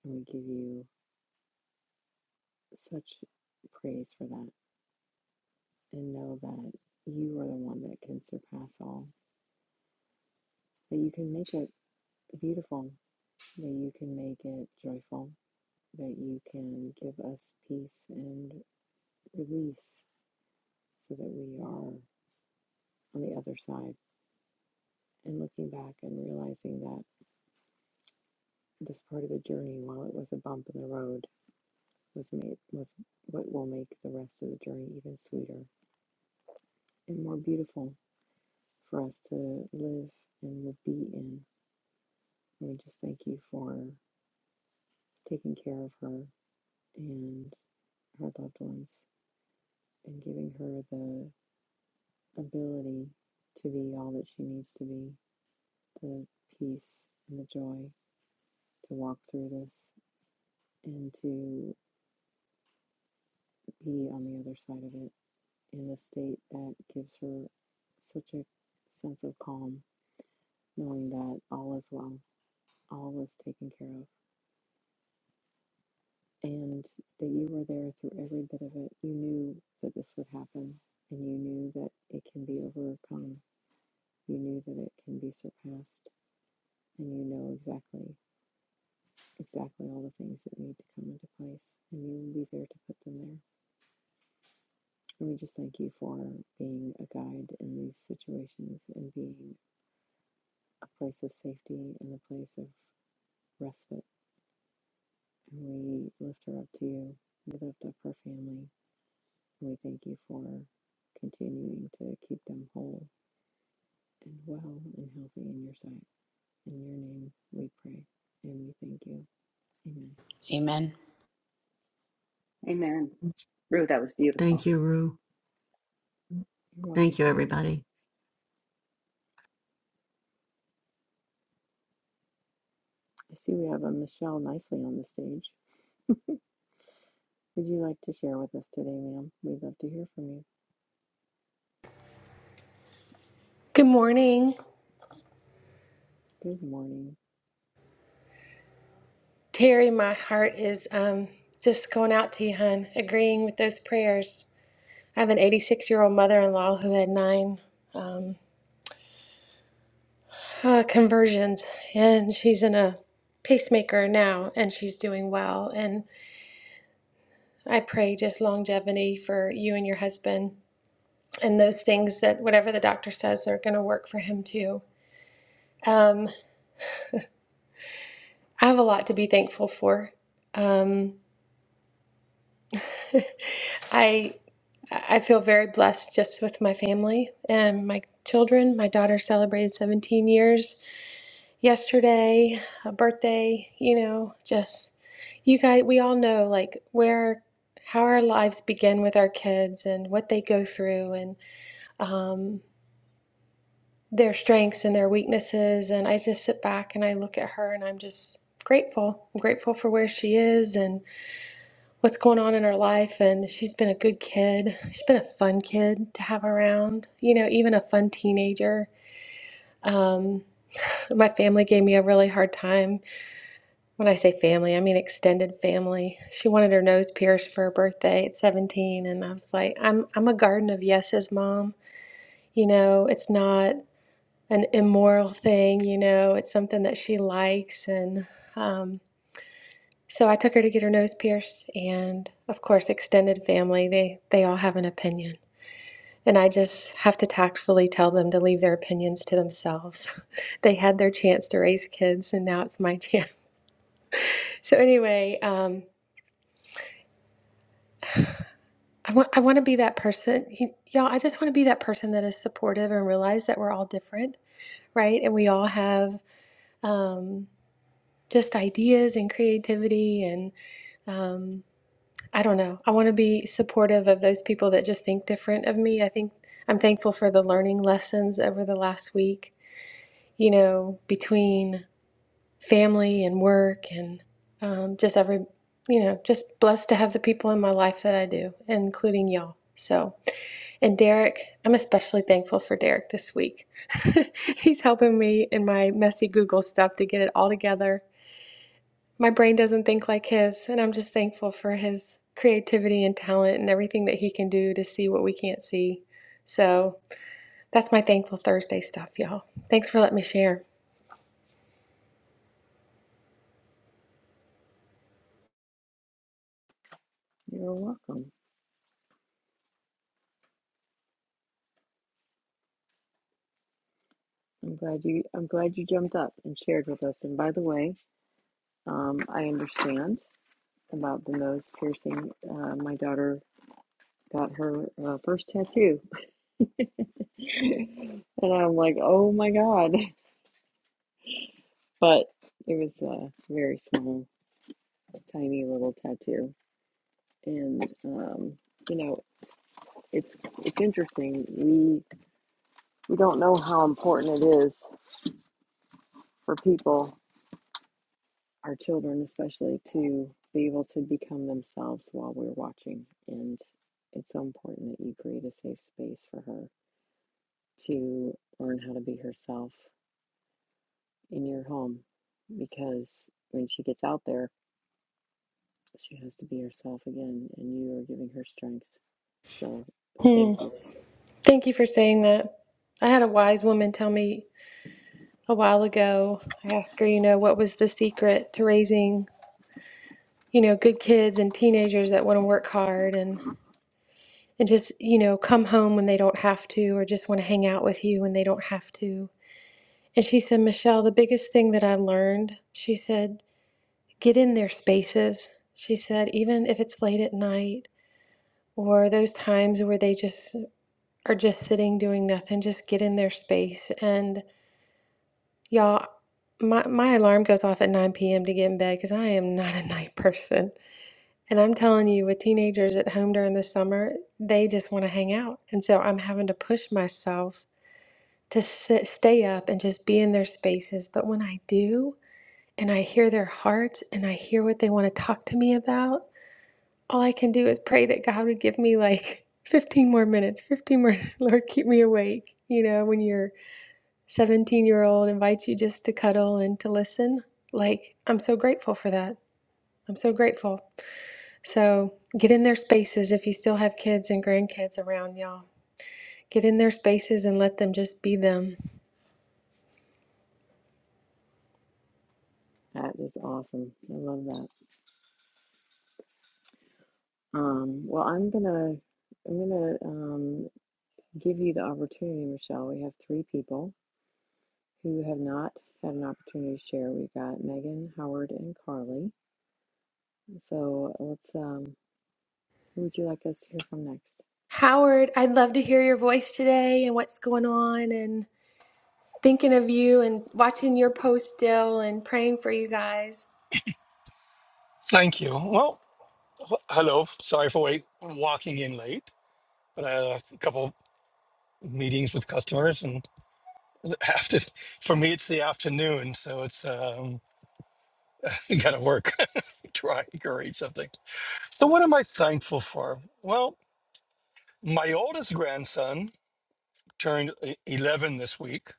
S1: And we give you such praise for that and know that you are the one that can surpass all, that you can make it beautiful, that you can make it joyful, that you can give us peace and release so that we are on the other side and looking back and realizing that this part of the journey, while it was a bump in the road, was made was what will make the rest of the journey even sweeter and more beautiful for us to live and be in. We just thank you for taking care of her and her loved ones and giving her the ability to be all that she needs to be the peace and the joy to walk through this and to be on the other side of it in a state that gives her such a sense of calm, knowing that all is well, all is taken care of. and that you were there through every bit of it. You knew that this would happen, and you knew that it can be overcome. You knew that it can be surpassed, and you know exactly, exactly all the things that need to come into place, and you will be there to put them there. And we just thank you for being a guide in these situations and being a place of safety and a place of respite. And we lift her up to you. We lift up her family. We thank you for continuing to keep them whole and well and healthy in your sight. In your name we pray and we thank you. Amen.
S14: Amen.
S12: Amen. Ruth, that was beautiful.
S2: Thank you, Rue.
S1: You're welcome,
S2: Thank you,
S1: sweetie.
S2: everybody.
S1: I see we have a Michelle nicely on the stage. Would you like to share with us today, ma'am? We'd love to hear from you.
S15: Good morning,
S1: Good morning.
S15: Terry. My heart is um, just going out to you, hun. Agreeing with those prayers. I have an 86 year old mother in law who had nine um, uh, conversions, and she's in a pacemaker now, and she's doing well. And I pray just longevity for you and your husband, and those things that whatever the doctor says are going to work for him too. Um, I have a lot to be thankful for. Um, I I feel very blessed just with my family and my children. My daughter celebrated 17 years yesterday, a birthday, you know, just you guys we all know like where how our lives begin with our kids and what they go through and um their strengths and their weaknesses and I just sit back and I look at her and I'm just grateful. I'm grateful for where she is what's going on in her life and she's been a good kid she's been a fun kid to have around you know even a fun teenager um, my family gave me a really hard time when i say family i mean extended family she wanted her nose pierced for her birthday at 17 and i was like i'm, I'm a garden of yeses mom you know it's not an immoral thing you know it's something that she likes and Um, So I took her to get her nose pierced, and of course, extended family, they, they all have an opinion. And I just have to tactfully tell them to leave their opinions to themselves. they had their chance to raise kids, and now it's my chance. So, anyway, um, I want, I want to be that person. Y- y'all, I just want to be that person that is supportive and realize that we're all different, right? And we all have um, just ideas and creativity and. um. I don't know. I want to be supportive of those people that just think different of me. I think I'm thankful for the learning lessons over the last week, you know, between family and work and um, just every, you know, just blessed to have the people in my life that I do, including y'all. So, and Derek, I'm especially thankful for Derek this week. He's helping me in my messy Google stuff to get it all together my brain doesn't think like his, and I'm just thankful for his creativity and talent and everything that he can do to see what we can't see. So that's my thankful Thursday stuff, y'all. Thanks for letting me share.
S1: You're welcome. I'm glad you I'm glad you jumped up and shared with us. And by the way, um, I understand about the nose piercing. Uh, my daughter got her uh, first tattoo And I'm like, oh my God. But it was a very small, tiny little tattoo. And um, you know, it's it's interesting. We we don't know how important it is for people, our children especially, to be able to become themselves while we're watching. And it's so important that you create a safe space for her to learn how to be herself in your home because when she gets out there She has to be herself again, and you are giving her strength. So
S15: Hmm.
S1: thank you.
S15: Thank you for saying that. I had a wise woman tell me a while ago. I asked her, you know, what was the secret to raising, you know, good kids and teenagers that want to work hard and and just, you know, come home when they don't have to or just want to hang out with you when they don't have to. And she said, Michelle, the biggest thing that I learned, she said, get in their spaces. She said, even if it's late at night or those times where they just are just sitting doing nothing, just get in their space. And y'all, my, my alarm goes off at 9 p.m. to get in bed because I am not a night person. And I'm telling you, with teenagers at home during the summer, they just want to hang out. And so I'm having to push myself to sit, stay up and just be in their spaces. But when I do, and I hear their hearts and I hear what they want to talk to me about, all I can do is pray that God would give me like 15 more minutes, 15 more, Lord, keep me awake. You know, when your 17 year old invites you just to cuddle and to listen, like, I'm so grateful for that. I'm so grateful. So get in their spaces if you still have kids and grandkids around, y'all. Get in their spaces and let them just be them.
S1: That is awesome. I love that. Um, well, I'm gonna I'm gonna um, give you the opportunity, Michelle. We have three people who have not had an opportunity to share. We've got Megan, Howard, and Carly. So let's. Um, who would you like us to hear from next?
S15: Howard, I'd love to hear your voice today and what's going on. and. thinking of you and watching your post, Dill, and praying for you guys.
S16: Thank you. Well, hello. Sorry for wait, walking in late, but I had a couple meetings with customers, and after for me it's the afternoon, so it's um, you got to work, try to create something. So, what am I thankful for? Well, my oldest grandson turned e- eleven this week,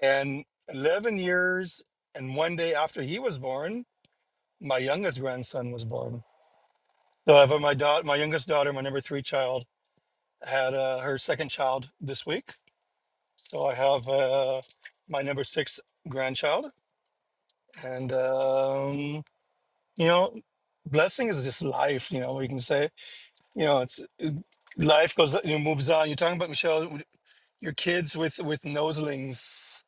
S16: and eleven years and one day after he was born, my youngest grandson was born. So, I have my daughter, my youngest daughter, my number three child. had uh, her second child this week. So I have uh, my number six grandchild. And, um, you know, blessing is just life, you know, you can say, you know, it's it- life goes, you know, moves on. You're talking about Michelle, w- your kids with, with noselings,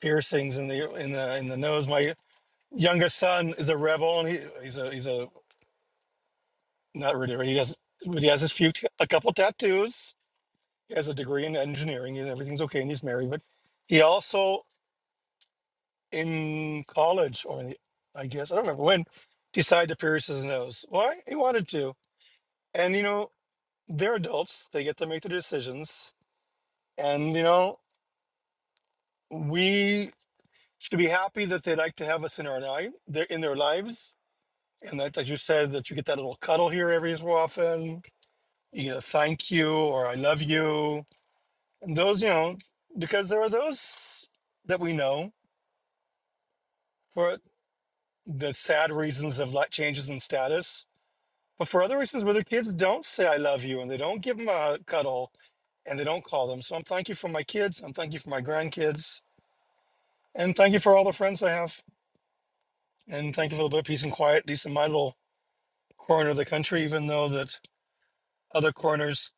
S16: piercings in the, in the, in the nose. My youngest son is a rebel and he, he's a, he's a, not really, he has, but he has his few, a couple tattoos. He has a degree in engineering and everything's okay. And he's married, but he also in college or in the, I guess I don't remember when decide to pierce his nose. Why? He wanted to. And you know, they're adults, they get to make their decisions. And you know, we should be happy that they like to have us in our life they're in their lives. And that like you said, that you get that little cuddle here every so often. You get a thank you or I love you. And those, you know, because there are those that we know for the sad reasons of like changes in status But for other instances where their kids don't say I love you and they don't give them a cuddle and they don't call them. So I'm thank you for my kids. I'm thank you for my grandkids. And thank you for all the friends I have. And thank you for a little bit of peace and quiet, at least in my little corner of the country, even though that other corners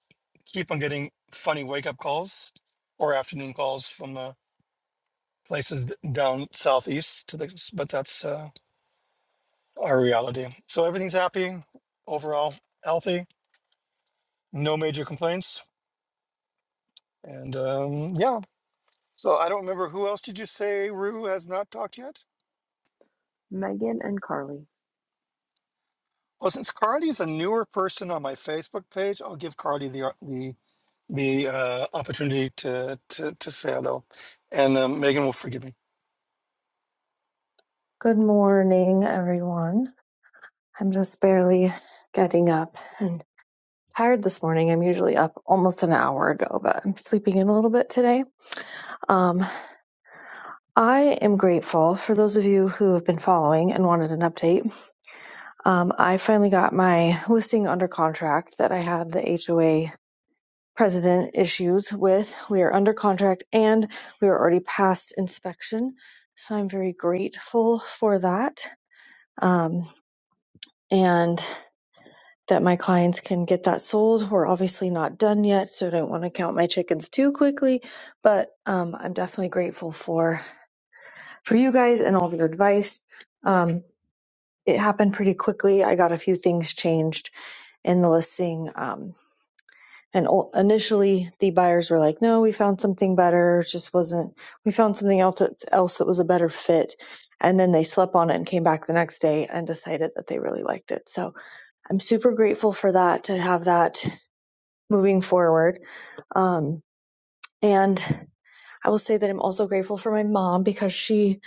S16: keep on getting funny wake up calls or afternoon calls from the places d- down southeast to the but that's uh, our reality. So everything's happy overall, healthy, no major complaints. And um, yeah, So I don't remember who else did you say Rue has not talked yet?
S1: Megan and Carly.
S16: Well, since Carly is a newer person on my Facebook page, I'll give Carly the uh, the the uh, opportunity to, to to say hello, and um, Megan will forgive me.
S17: Good morning, everyone. I'm just barely getting up and tired this morning. I'm usually up almost an hour ago, but I'm sleeping in a little bit today. Um, I am grateful for those of you who have been following and wanted an update. Um, I finally got my listing under contract that I had the HOA president issues with. We are under contract and we are already past inspection. So I'm very grateful for that. Um, and that my clients can get that sold. We're obviously not done yet, so I don't want to count my chickens too quickly. But um, I'm definitely grateful for for you guys and all of your advice. Um, it happened pretty quickly. I got a few things changed in the listing. Um, and o- initially, the buyers were like, "No, we found something better. It just wasn't. We found something else that, else that was a better fit." And then they slept on it and came back the next day and decided that they really liked it. So I'm super grateful for that to have that moving forward. Um, and I will say that I'm also grateful for my mom because she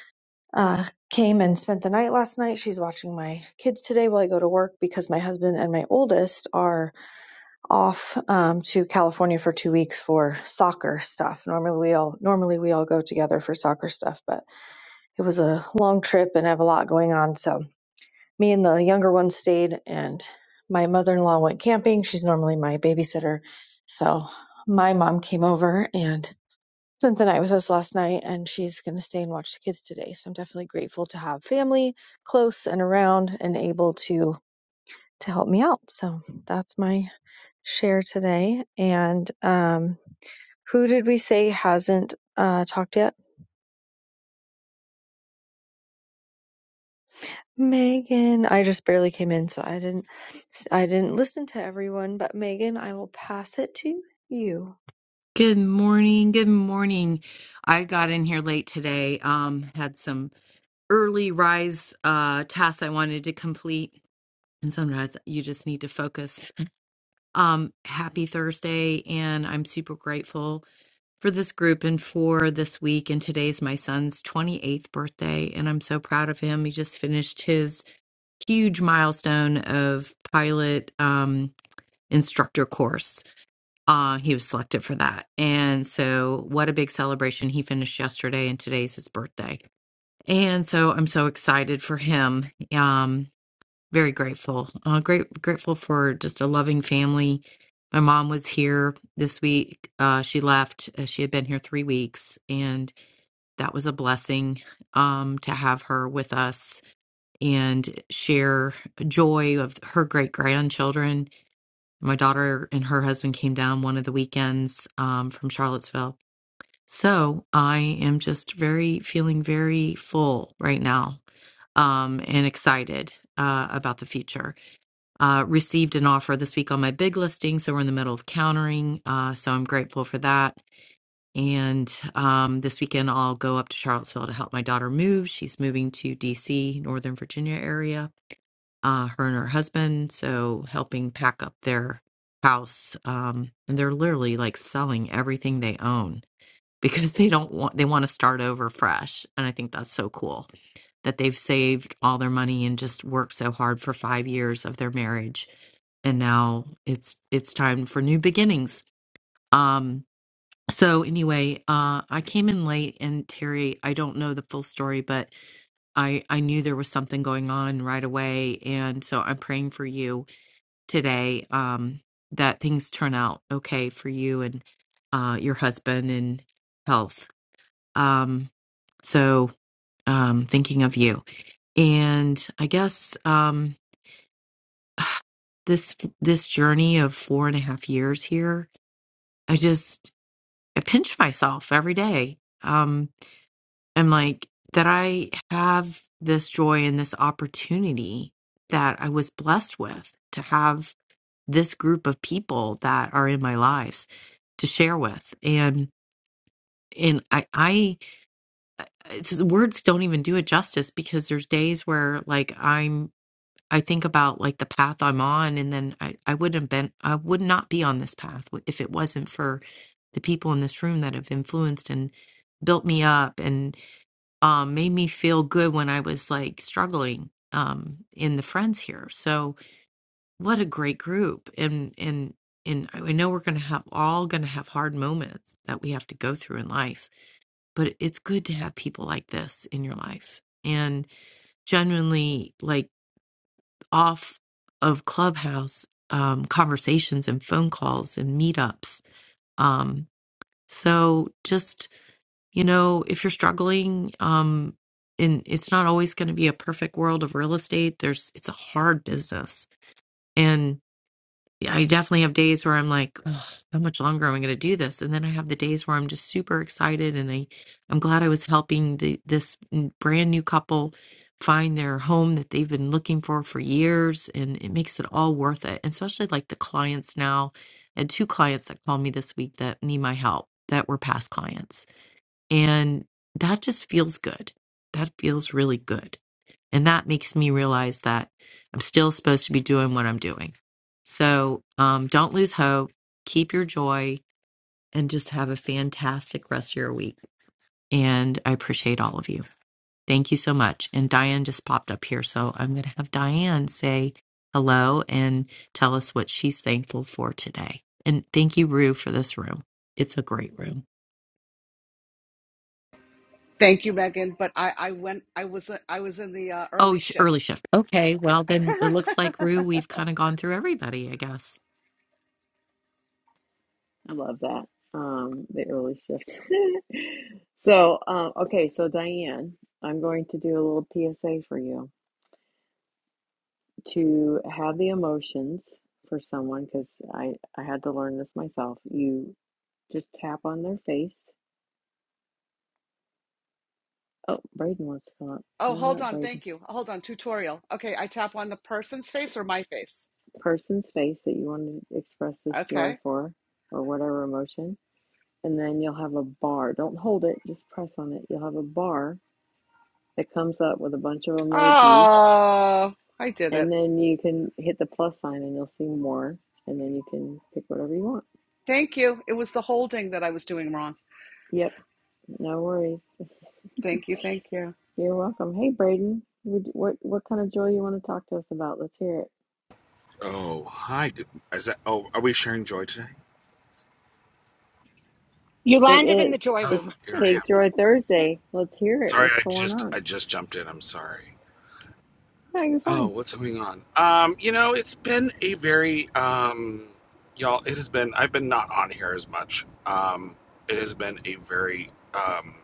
S17: uh, came and spent the night last night. She's watching my kids today while I go to work because my husband and my oldest are off um, to California for two weeks for soccer stuff. Normally we all normally we all go together for soccer stuff, but it was a long trip and I have a lot going on, so me and the younger one stayed and my mother-in-law went camping she's normally my babysitter so my mom came over and spent the night with us last night and she's going to stay and watch the kids today so i'm definitely grateful to have family close and around and able to to help me out so that's my share today and um who did we say hasn't uh talked yet Megan, I just barely came in, so I didn't I didn't listen to everyone, but Megan, I will pass it to you.
S18: Good morning. Good morning. I got in here late today. Um, had some early rise uh tasks I wanted to complete, and sometimes you just need to focus. Um, happy Thursday, and I'm super grateful for this group and for this week. And today's my son's 28th birthday, and I'm so proud of him. He just finished his huge milestone of pilot um instructor course uh, he was selected for that. And so, what a big celebration. He finished yesterday, and today's his birthday. And so, I'm so excited for him. Um, very grateful. Uh, great, grateful for just a loving family. My mom was here this week. Uh, she left. Uh, She had been here three weeks, and that was a blessing um, to have her with us and share joy of her great grandchildren my daughter and her husband came down one of the weekends um, from Charlottesville. So I am just very feeling very full right now um, and excited uh, about the future. Uh, received an offer this week on my big listing, so we're in the middle of countering. Uh, so I'm grateful for that. And um, this weekend, I'll go up to Charlottesville to help my daughter move. She's moving to DC, Northern Virginia area uh, her and her husband. So helping pack up their house. Um, and they're literally like selling everything they own because they don't want, they want to start over fresh. And I think that's so cool that they've saved all their money and just worked so hard for five years of their marriage. And now it's, it's time for new beginnings. Um, so anyway, uh, I came in late and Terry, I don't know the full story, but I, I knew there was something going on right away. And so I'm praying for you today um, that things turn out okay for you and uh, your husband and health. Um, so um, thinking of you, and I guess um, this this journey of four and a half years here, I just I pinch myself every day. Um, I'm like that I have this joy and this opportunity that I was blessed with to have this group of people that are in my lives to share with and and i i it's, words don't even do it justice because there's days where like i'm i think about like the path i'm on and then i i wouldn't have been i would not be on this path if it wasn't for the people in this room that have influenced and built me up and um made me feel good when i was like struggling um in the friends here so What a great group. And and and I know we're going to have all going to have hard moments that we have to go through in life, but it's good to have people like this in your life. And genuinely like off of clubhouse um, conversations and phone calls and meetups. Um, so just, you know, if you're struggling, um, and it's not always going to be a perfect world of real estate. There's, it's a hard business. Yeah, I definitely have days where I'm like, Ugh, how much longer am I going to do this? And then I have the days where I'm just super excited, and I, I'm glad I was helping the this n- brand new couple find their home that they've been looking for for years, and it makes it all worth it. And especially like the clients now, and two clients that called me this week that need my help that were past clients, and that just feels good. That feels really good and that makes me realize that I'm still supposed to be doing what I'm doing. So um, don't lose hope, keep your joy, and just have a fantastic rest of your week. And I appreciate all of you. Thank you so much. And Diane just popped up here. So I'm going to have Diane say hello and tell us what she's thankful for today. And thank you, Rue, for this room. It's a great room.
S8: Thank you, Megan. But I, I went. I was. uh, I was in the uh,
S18: Oh,
S8: early
S18: sh- early
S8: shift.
S18: shift. Okay. Well, then it looks like, Rue, we've kind of gone through everybody, I guess.
S1: I love that. Um, the early shift. so, um, okay, so Diane, I'm going to do a little PSA for you to have the emotions for someone because I, I had to learn this myself. You just tap on their face. Oh, Braden wants to come up.
S8: oh,
S1: Come on
S8: hold
S1: up,
S8: on.
S1: Braden.
S8: Thank you. Hold on. Tutorial. Okay. I tap on the person's face or my face.
S1: Person's face that you want to express this joy
S8: Okay.
S1: for or whatever emotion. And then you'll have a bar. Don't hold it, just press on it. You'll have a bar that comes up with a bunch of emojis
S8: Oh, I did it.
S1: And then you can hit the plus sign and you'll see more. And then you can pick whatever you want.
S8: Thank you. It was the holding that I was doing wrong.
S1: Yep, no worries.
S8: Thank you. Thank you.
S1: You're welcome. Hey, Braden, what what kind of joy you want to talk to us about? Let's hear it.
S19: Oh, hi. Did- Is that? Oh, are we sharing joy today?
S4: You
S1: It
S4: landed in
S1: is.
S4: the joy
S19: Oh,
S4: room.
S1: It's
S19: here I
S1: Take
S19: am.
S1: Joy Thursday. Let's hear it.
S19: Sorry,
S1: What's
S19: I
S1: going
S19: just
S1: on?
S19: I just jumped in. I'm sorry.
S1: No, you're
S19: Oh,
S1: fine.
S19: what's going on? Um, you know, it's been a very um, y'all. It has been. I've been not on here as much. Um, it has been a very um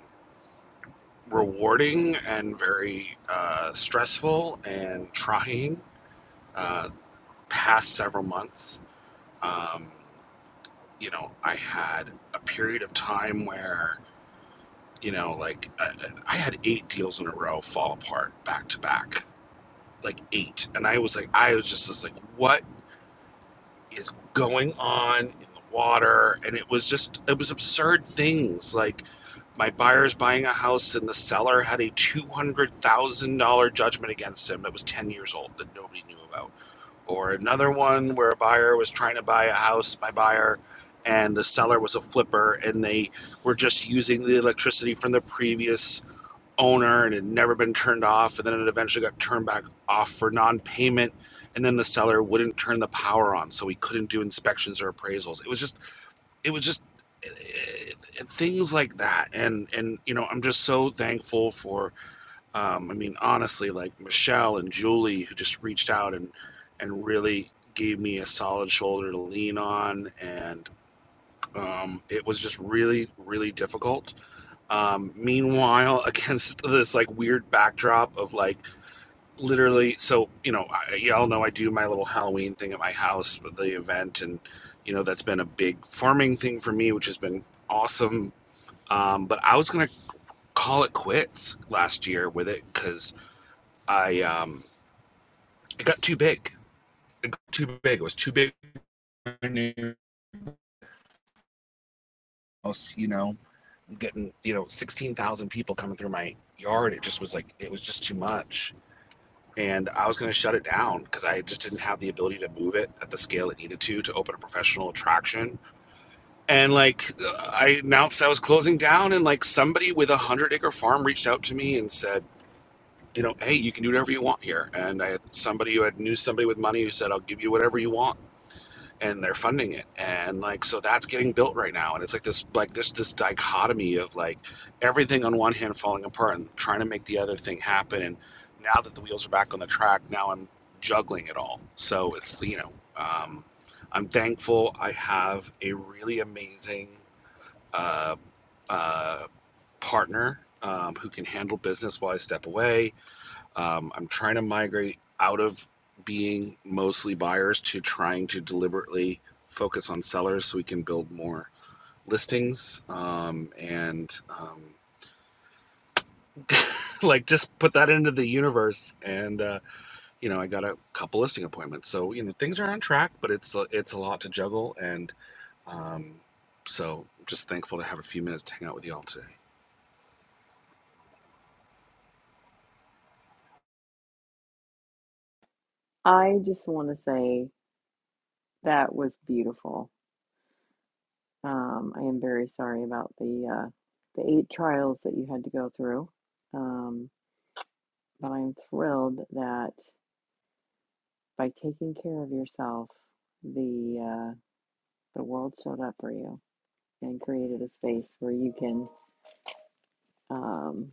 S19: rewarding and very uh, stressful and trying uh, past several months. Um, you know, I had a period of time where You know, like I, I had eight deals in a row fall apart back to back, like eight, and I was like, I was just, just like, what is going on in the water? And it was just, it was absurd things like. My buyer's buying a house, and the seller had a two hundred thousand dollar judgment against him that was ten years old that nobody knew about. Or another one where a buyer was trying to buy a house, my buyer, and the seller was a flipper, and they were just using the electricity from the previous owner and had never been turned off, and then it eventually got turned back off for non-payment, and then the seller wouldn't turn the power on, so we couldn't do inspections or appraisals. It was just, it was just it, it, things like that, and and you know, I'm just so thankful for, um, I mean, honestly, like Michelle and Julie who just reached out and and really gave me a solid shoulder to lean on, and um, it was just really, really difficult um, meanwhile, against this like weird backdrop of like literally, so you know, I, y'all know I do my little Halloween thing at my house with the event, and you know that's been a big farming thing for me, which has been awesome. Um, but I was gonna call it quits last year with it because I um, it got too big. It got too big. It was too big for my new house. You know, getting you know sixteen thousand people coming through my yard. It just was like it was just too much and I was going to shut it down because I just didn't have the ability to move it at the scale it needed to to open a professional attraction. And like I announced I was closing down, and like somebody with a hundred acre farm reached out to me and said, you know, hey, you can do whatever you want here. And I had somebody who had knew somebody with money who said, I'll give you whatever you want and they're funding it and like so that's getting built right now and it's like this like this this dichotomy of like everything on one hand falling apart and trying to make the other thing happen and now that the wheels are back on the track now i'm juggling it all so it's you know um, i'm thankful i have a really amazing uh, uh, partner um, who can handle business while i step away um, I'm trying to migrate out of being mostly buyers to trying to deliberately focus on sellers so we can build more listings um, and um, like just put that into the universe. And uh, you know, I got a couple listing appointments, so you know things are on track, but it's a, it's a lot to juggle. And um, so, just thankful to have a few minutes to hang out with you all today.
S1: I just want to say that was beautiful. Um, I am very sorry about the uh, the eight trials that you had to go through, um, but I'm thrilled that. by taking care of yourself, the uh, the world showed up for you and created a space where you can um,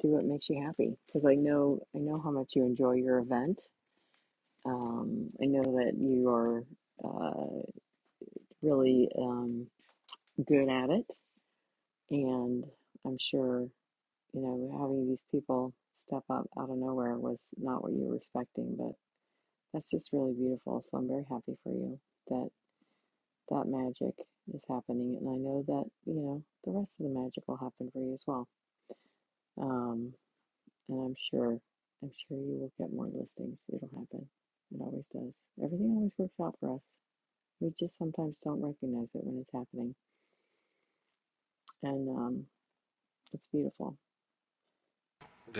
S1: do what makes you happy. Because I know I know how much you enjoy your event. Um, I know that you are uh, really um, good at it, and I'm sure you know having these people step up out of nowhere was not what you were expecting, but that's just really beautiful. So I'm very happy for you that. that magic is happening and i know that you know the rest of the magic will happen for you as well um and i'm sure i'm sure you will get more listings it'll happen it always does everything always works out for us we just sometimes don't recognize it when it's happening and um it's beautiful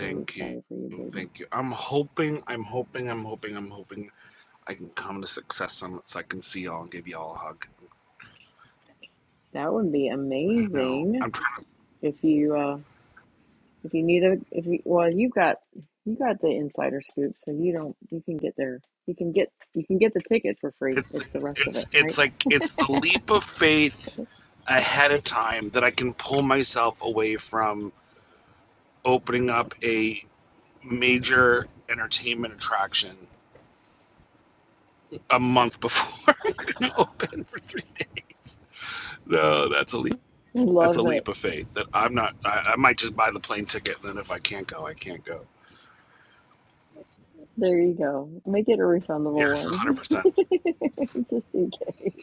S1: very
S19: you.
S1: excited for you braden
S19: Thank you. I'm hoping, I'm hoping, I'm hoping, I'm hoping I can come to Success Summit so I can see y'all and give y'all a hug.
S1: that would be
S19: No,
S1: amazing
S19: I'm trying.
S1: if you uh, If you need a, if you, well, you've got, you got the insider scoop, so you don't, you can get there. You can get, you can get the ticket for free.
S19: It's
S1: It's the
S19: it's
S1: rest of it,
S19: it's
S1: right?
S19: it's like it's the leap of faith ahead of time that I can pull myself away from opening up a major entertainment attraction a month before we're gonna open for three days. No, that's a leap.
S1: I
S19: That's a
S1: love it.
S19: leap of faith. That I'm not. I, I might just buy the plane ticket, and then if I can't go, I can't go.
S1: There you go. Make it a refundable
S19: Yes,
S1: one,
S19: 100%.
S1: just in case.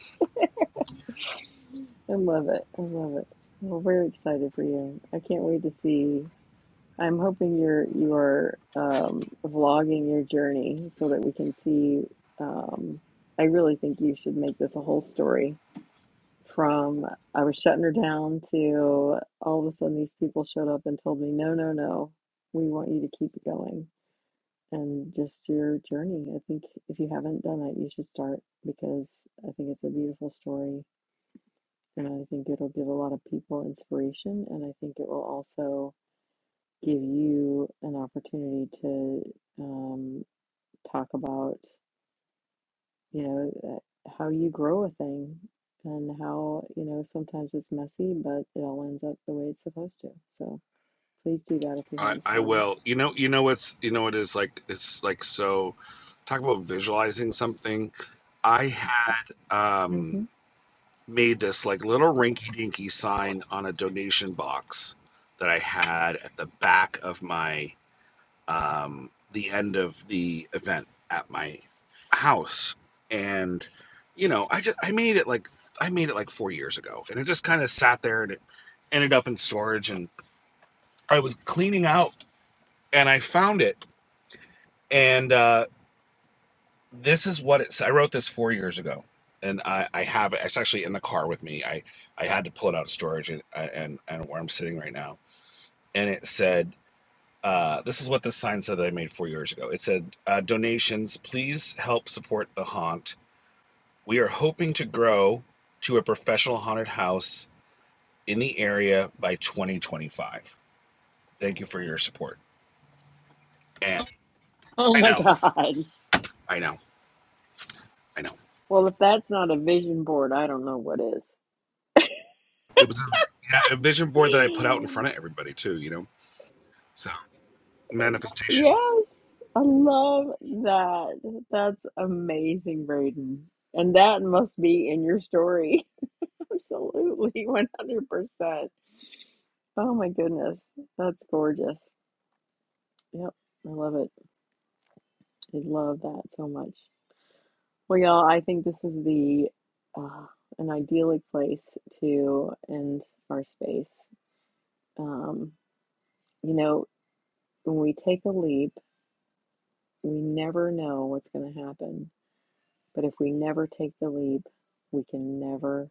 S1: I love it. I love it. Well, we're excited for you. I can't wait to see. I'm hoping you're you are um, vlogging your journey so that we can see. Um, I really think you should make this a whole story from I was shutting her down to all of a sudden these people showed up and told me, no, no, no, we want you to keep it going. And just your journey. I think if you haven't done it, you should start because I think it's a beautiful story. And I think it'll give a lot of people inspiration. And I think it will also give you an opportunity to um, talk about. you know, uh, how you grow a thing and how, you know, sometimes it's messy, but it all ends up the way it's supposed to. So please do that if you
S19: I
S1: haven't
S19: I
S1: started.
S19: will. You know, you know what's you know what is like it's like so talk about visualizing something. I had um
S1: hmm
S19: made this like little rinky dinky sign on a donation box that I had at the back of my um the end of the event at my house. And you know, I just I made it like I made it like 4 years ago and it just kind of sat there and it ended up in storage and I was cleaning out and I found it and uh, this is what it's i wrote this four years ago and i i have it it's actually in the car with me i i had to pull it out of storage and and, and where i'm sitting right now and it said uh, this is what this sign said that I made four years ago. It said, uh, "Donations, please help support the haunt. We are hoping to grow to a professional haunted house in the area by 2025. Thank you for your support." And
S1: Oh
S19: I
S1: my
S19: know,
S1: God.
S19: I know, I know.
S1: Well, if that's not a vision board, I don't know what is.
S19: It was a, yeah, a vision board that I put out in front of everybody too. You know, So manifestation.
S1: Yes, I love that. That's amazing, Braden. And that must be in your story. Absolutely, 100%. Oh my goodness. That's gorgeous. Yep, I love it. I love that so much. Well, y'all, I think this is the uh, an idyllic place to end our space. Um, you know, when we take a leap, we never know what's going to happen. But if we never take the leap, we can never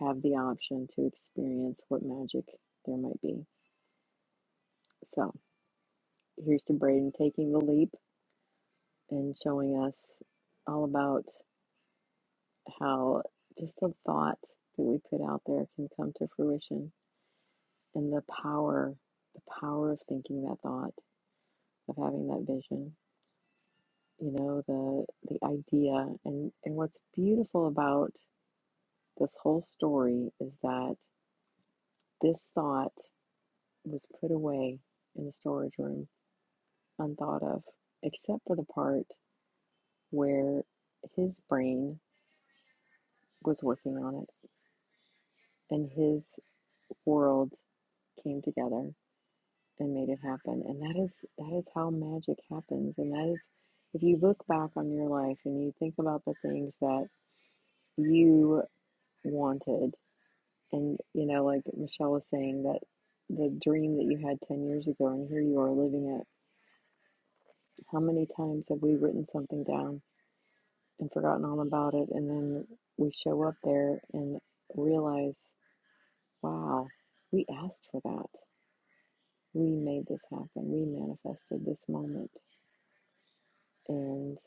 S1: have the option to experience what magic there might be. So here's to Braden taking the leap and showing us all about. how just a thought that we put out there can come to fruition and the power the power of thinking that thought of having that vision you know the the idea and and what's beautiful about this whole story is that this thought was put away in the storage room unthought of except for the part where his brain was working on it and his world came together and made it happen. And that is that is how magic happens. And that is if you look back on your life and you think about the things that you wanted and you know, like Michelle was saying that the dream that you had ten years ago and here you are living it. How many times have we written something down and forgotten all about it and then we show up there and realize, wow, we asked for that. We made this happen. We manifested this moment. And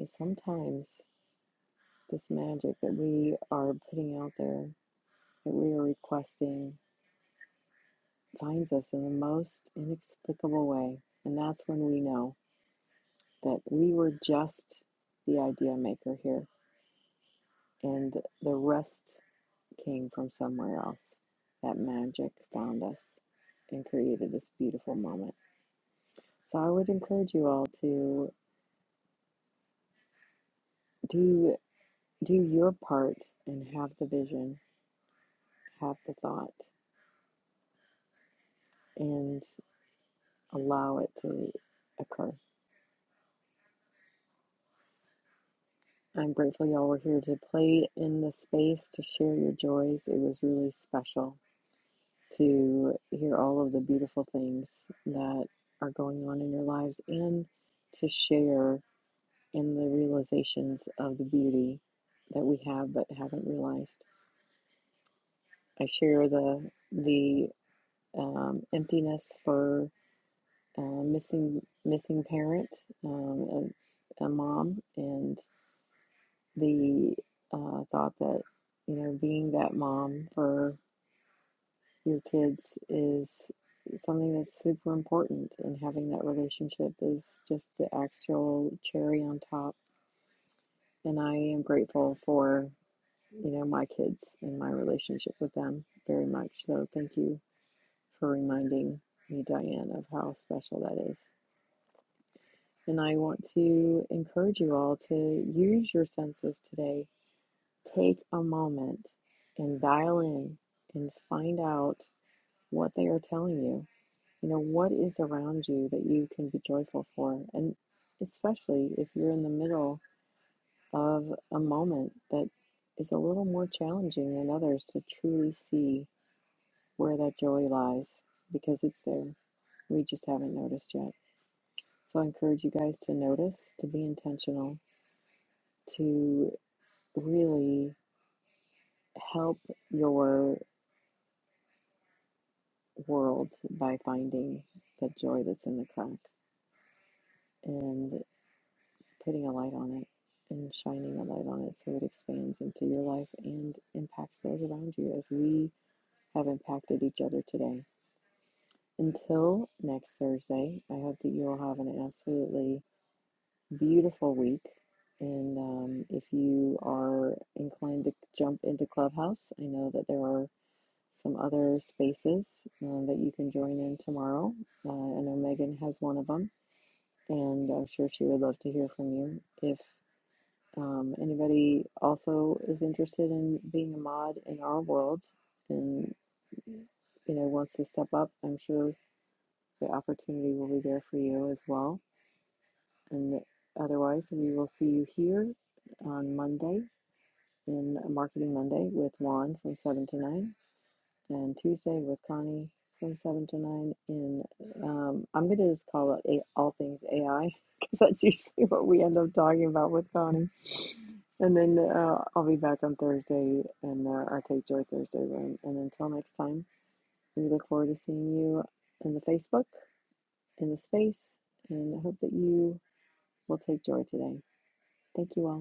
S1: is sometimes this magic that we are putting out there, that we are requesting, finds us in the most inexplicable way. And that's when we know that we were just the idea maker here, and the rest came from somewhere else. That magic found us and created this beautiful moment. So I would encourage you all to do do your part and have the vision, have the thought, and. allow it to occur. I'm grateful y'all were here to play in the space to share your joys. It was really special to hear all of the beautiful things that are going on in your lives and to share in the realizations of the beauty that we have but haven't realized. I share the the um, emptiness for uh, missing missing parent um, as a mom, and. the uh, thought that you know being that mom for your kids is something that's super important and having that relationship is just the actual cherry on top and i am grateful for you know my kids and my relationship with them very much so thank you for reminding me diane of how special that is and i want to encourage you all to use your senses today Take a moment and dial in and find out what they are telling you. You know, what is around you that you can be joyful for? And especially if you're in the middle of a moment that is a little more challenging than others to truly see where that joy lies because it's there. We just haven't noticed yet. So I encourage you guys to notice, to be intentional, to really help your world by finding the joy that's in the crack and putting a light on it and shining a light on it so it expands into your life and impacts those around you as we have impacted each other today. Until next Thursday, I hope that you all have an absolutely beautiful week. And um, if you are inclined to jump into Clubhouse, I know that there are some other spaces um, that you can join in tomorrow. Uh, I know Megan has one of them. and I'm sure she would love to hear from you. If um, anybody also is interested in being a mod in our world and you know wants to step up, I'm sure the opportunity will be there for you as well. And otherwise, we will see you here on Monday in Marketing Monday with Juan from seven to nine. and Tuesday with Connie from 7 to 9. And um, I'm going to just call it a- all things AI because that's usually what we end up talking about with Connie. And then uh, I'll be back on Thursday and uh, our Take Joy Thursday room. And until next time, we look forward to seeing you in the Facebook, in the space, and I hope that you will take joy today. Thank you all.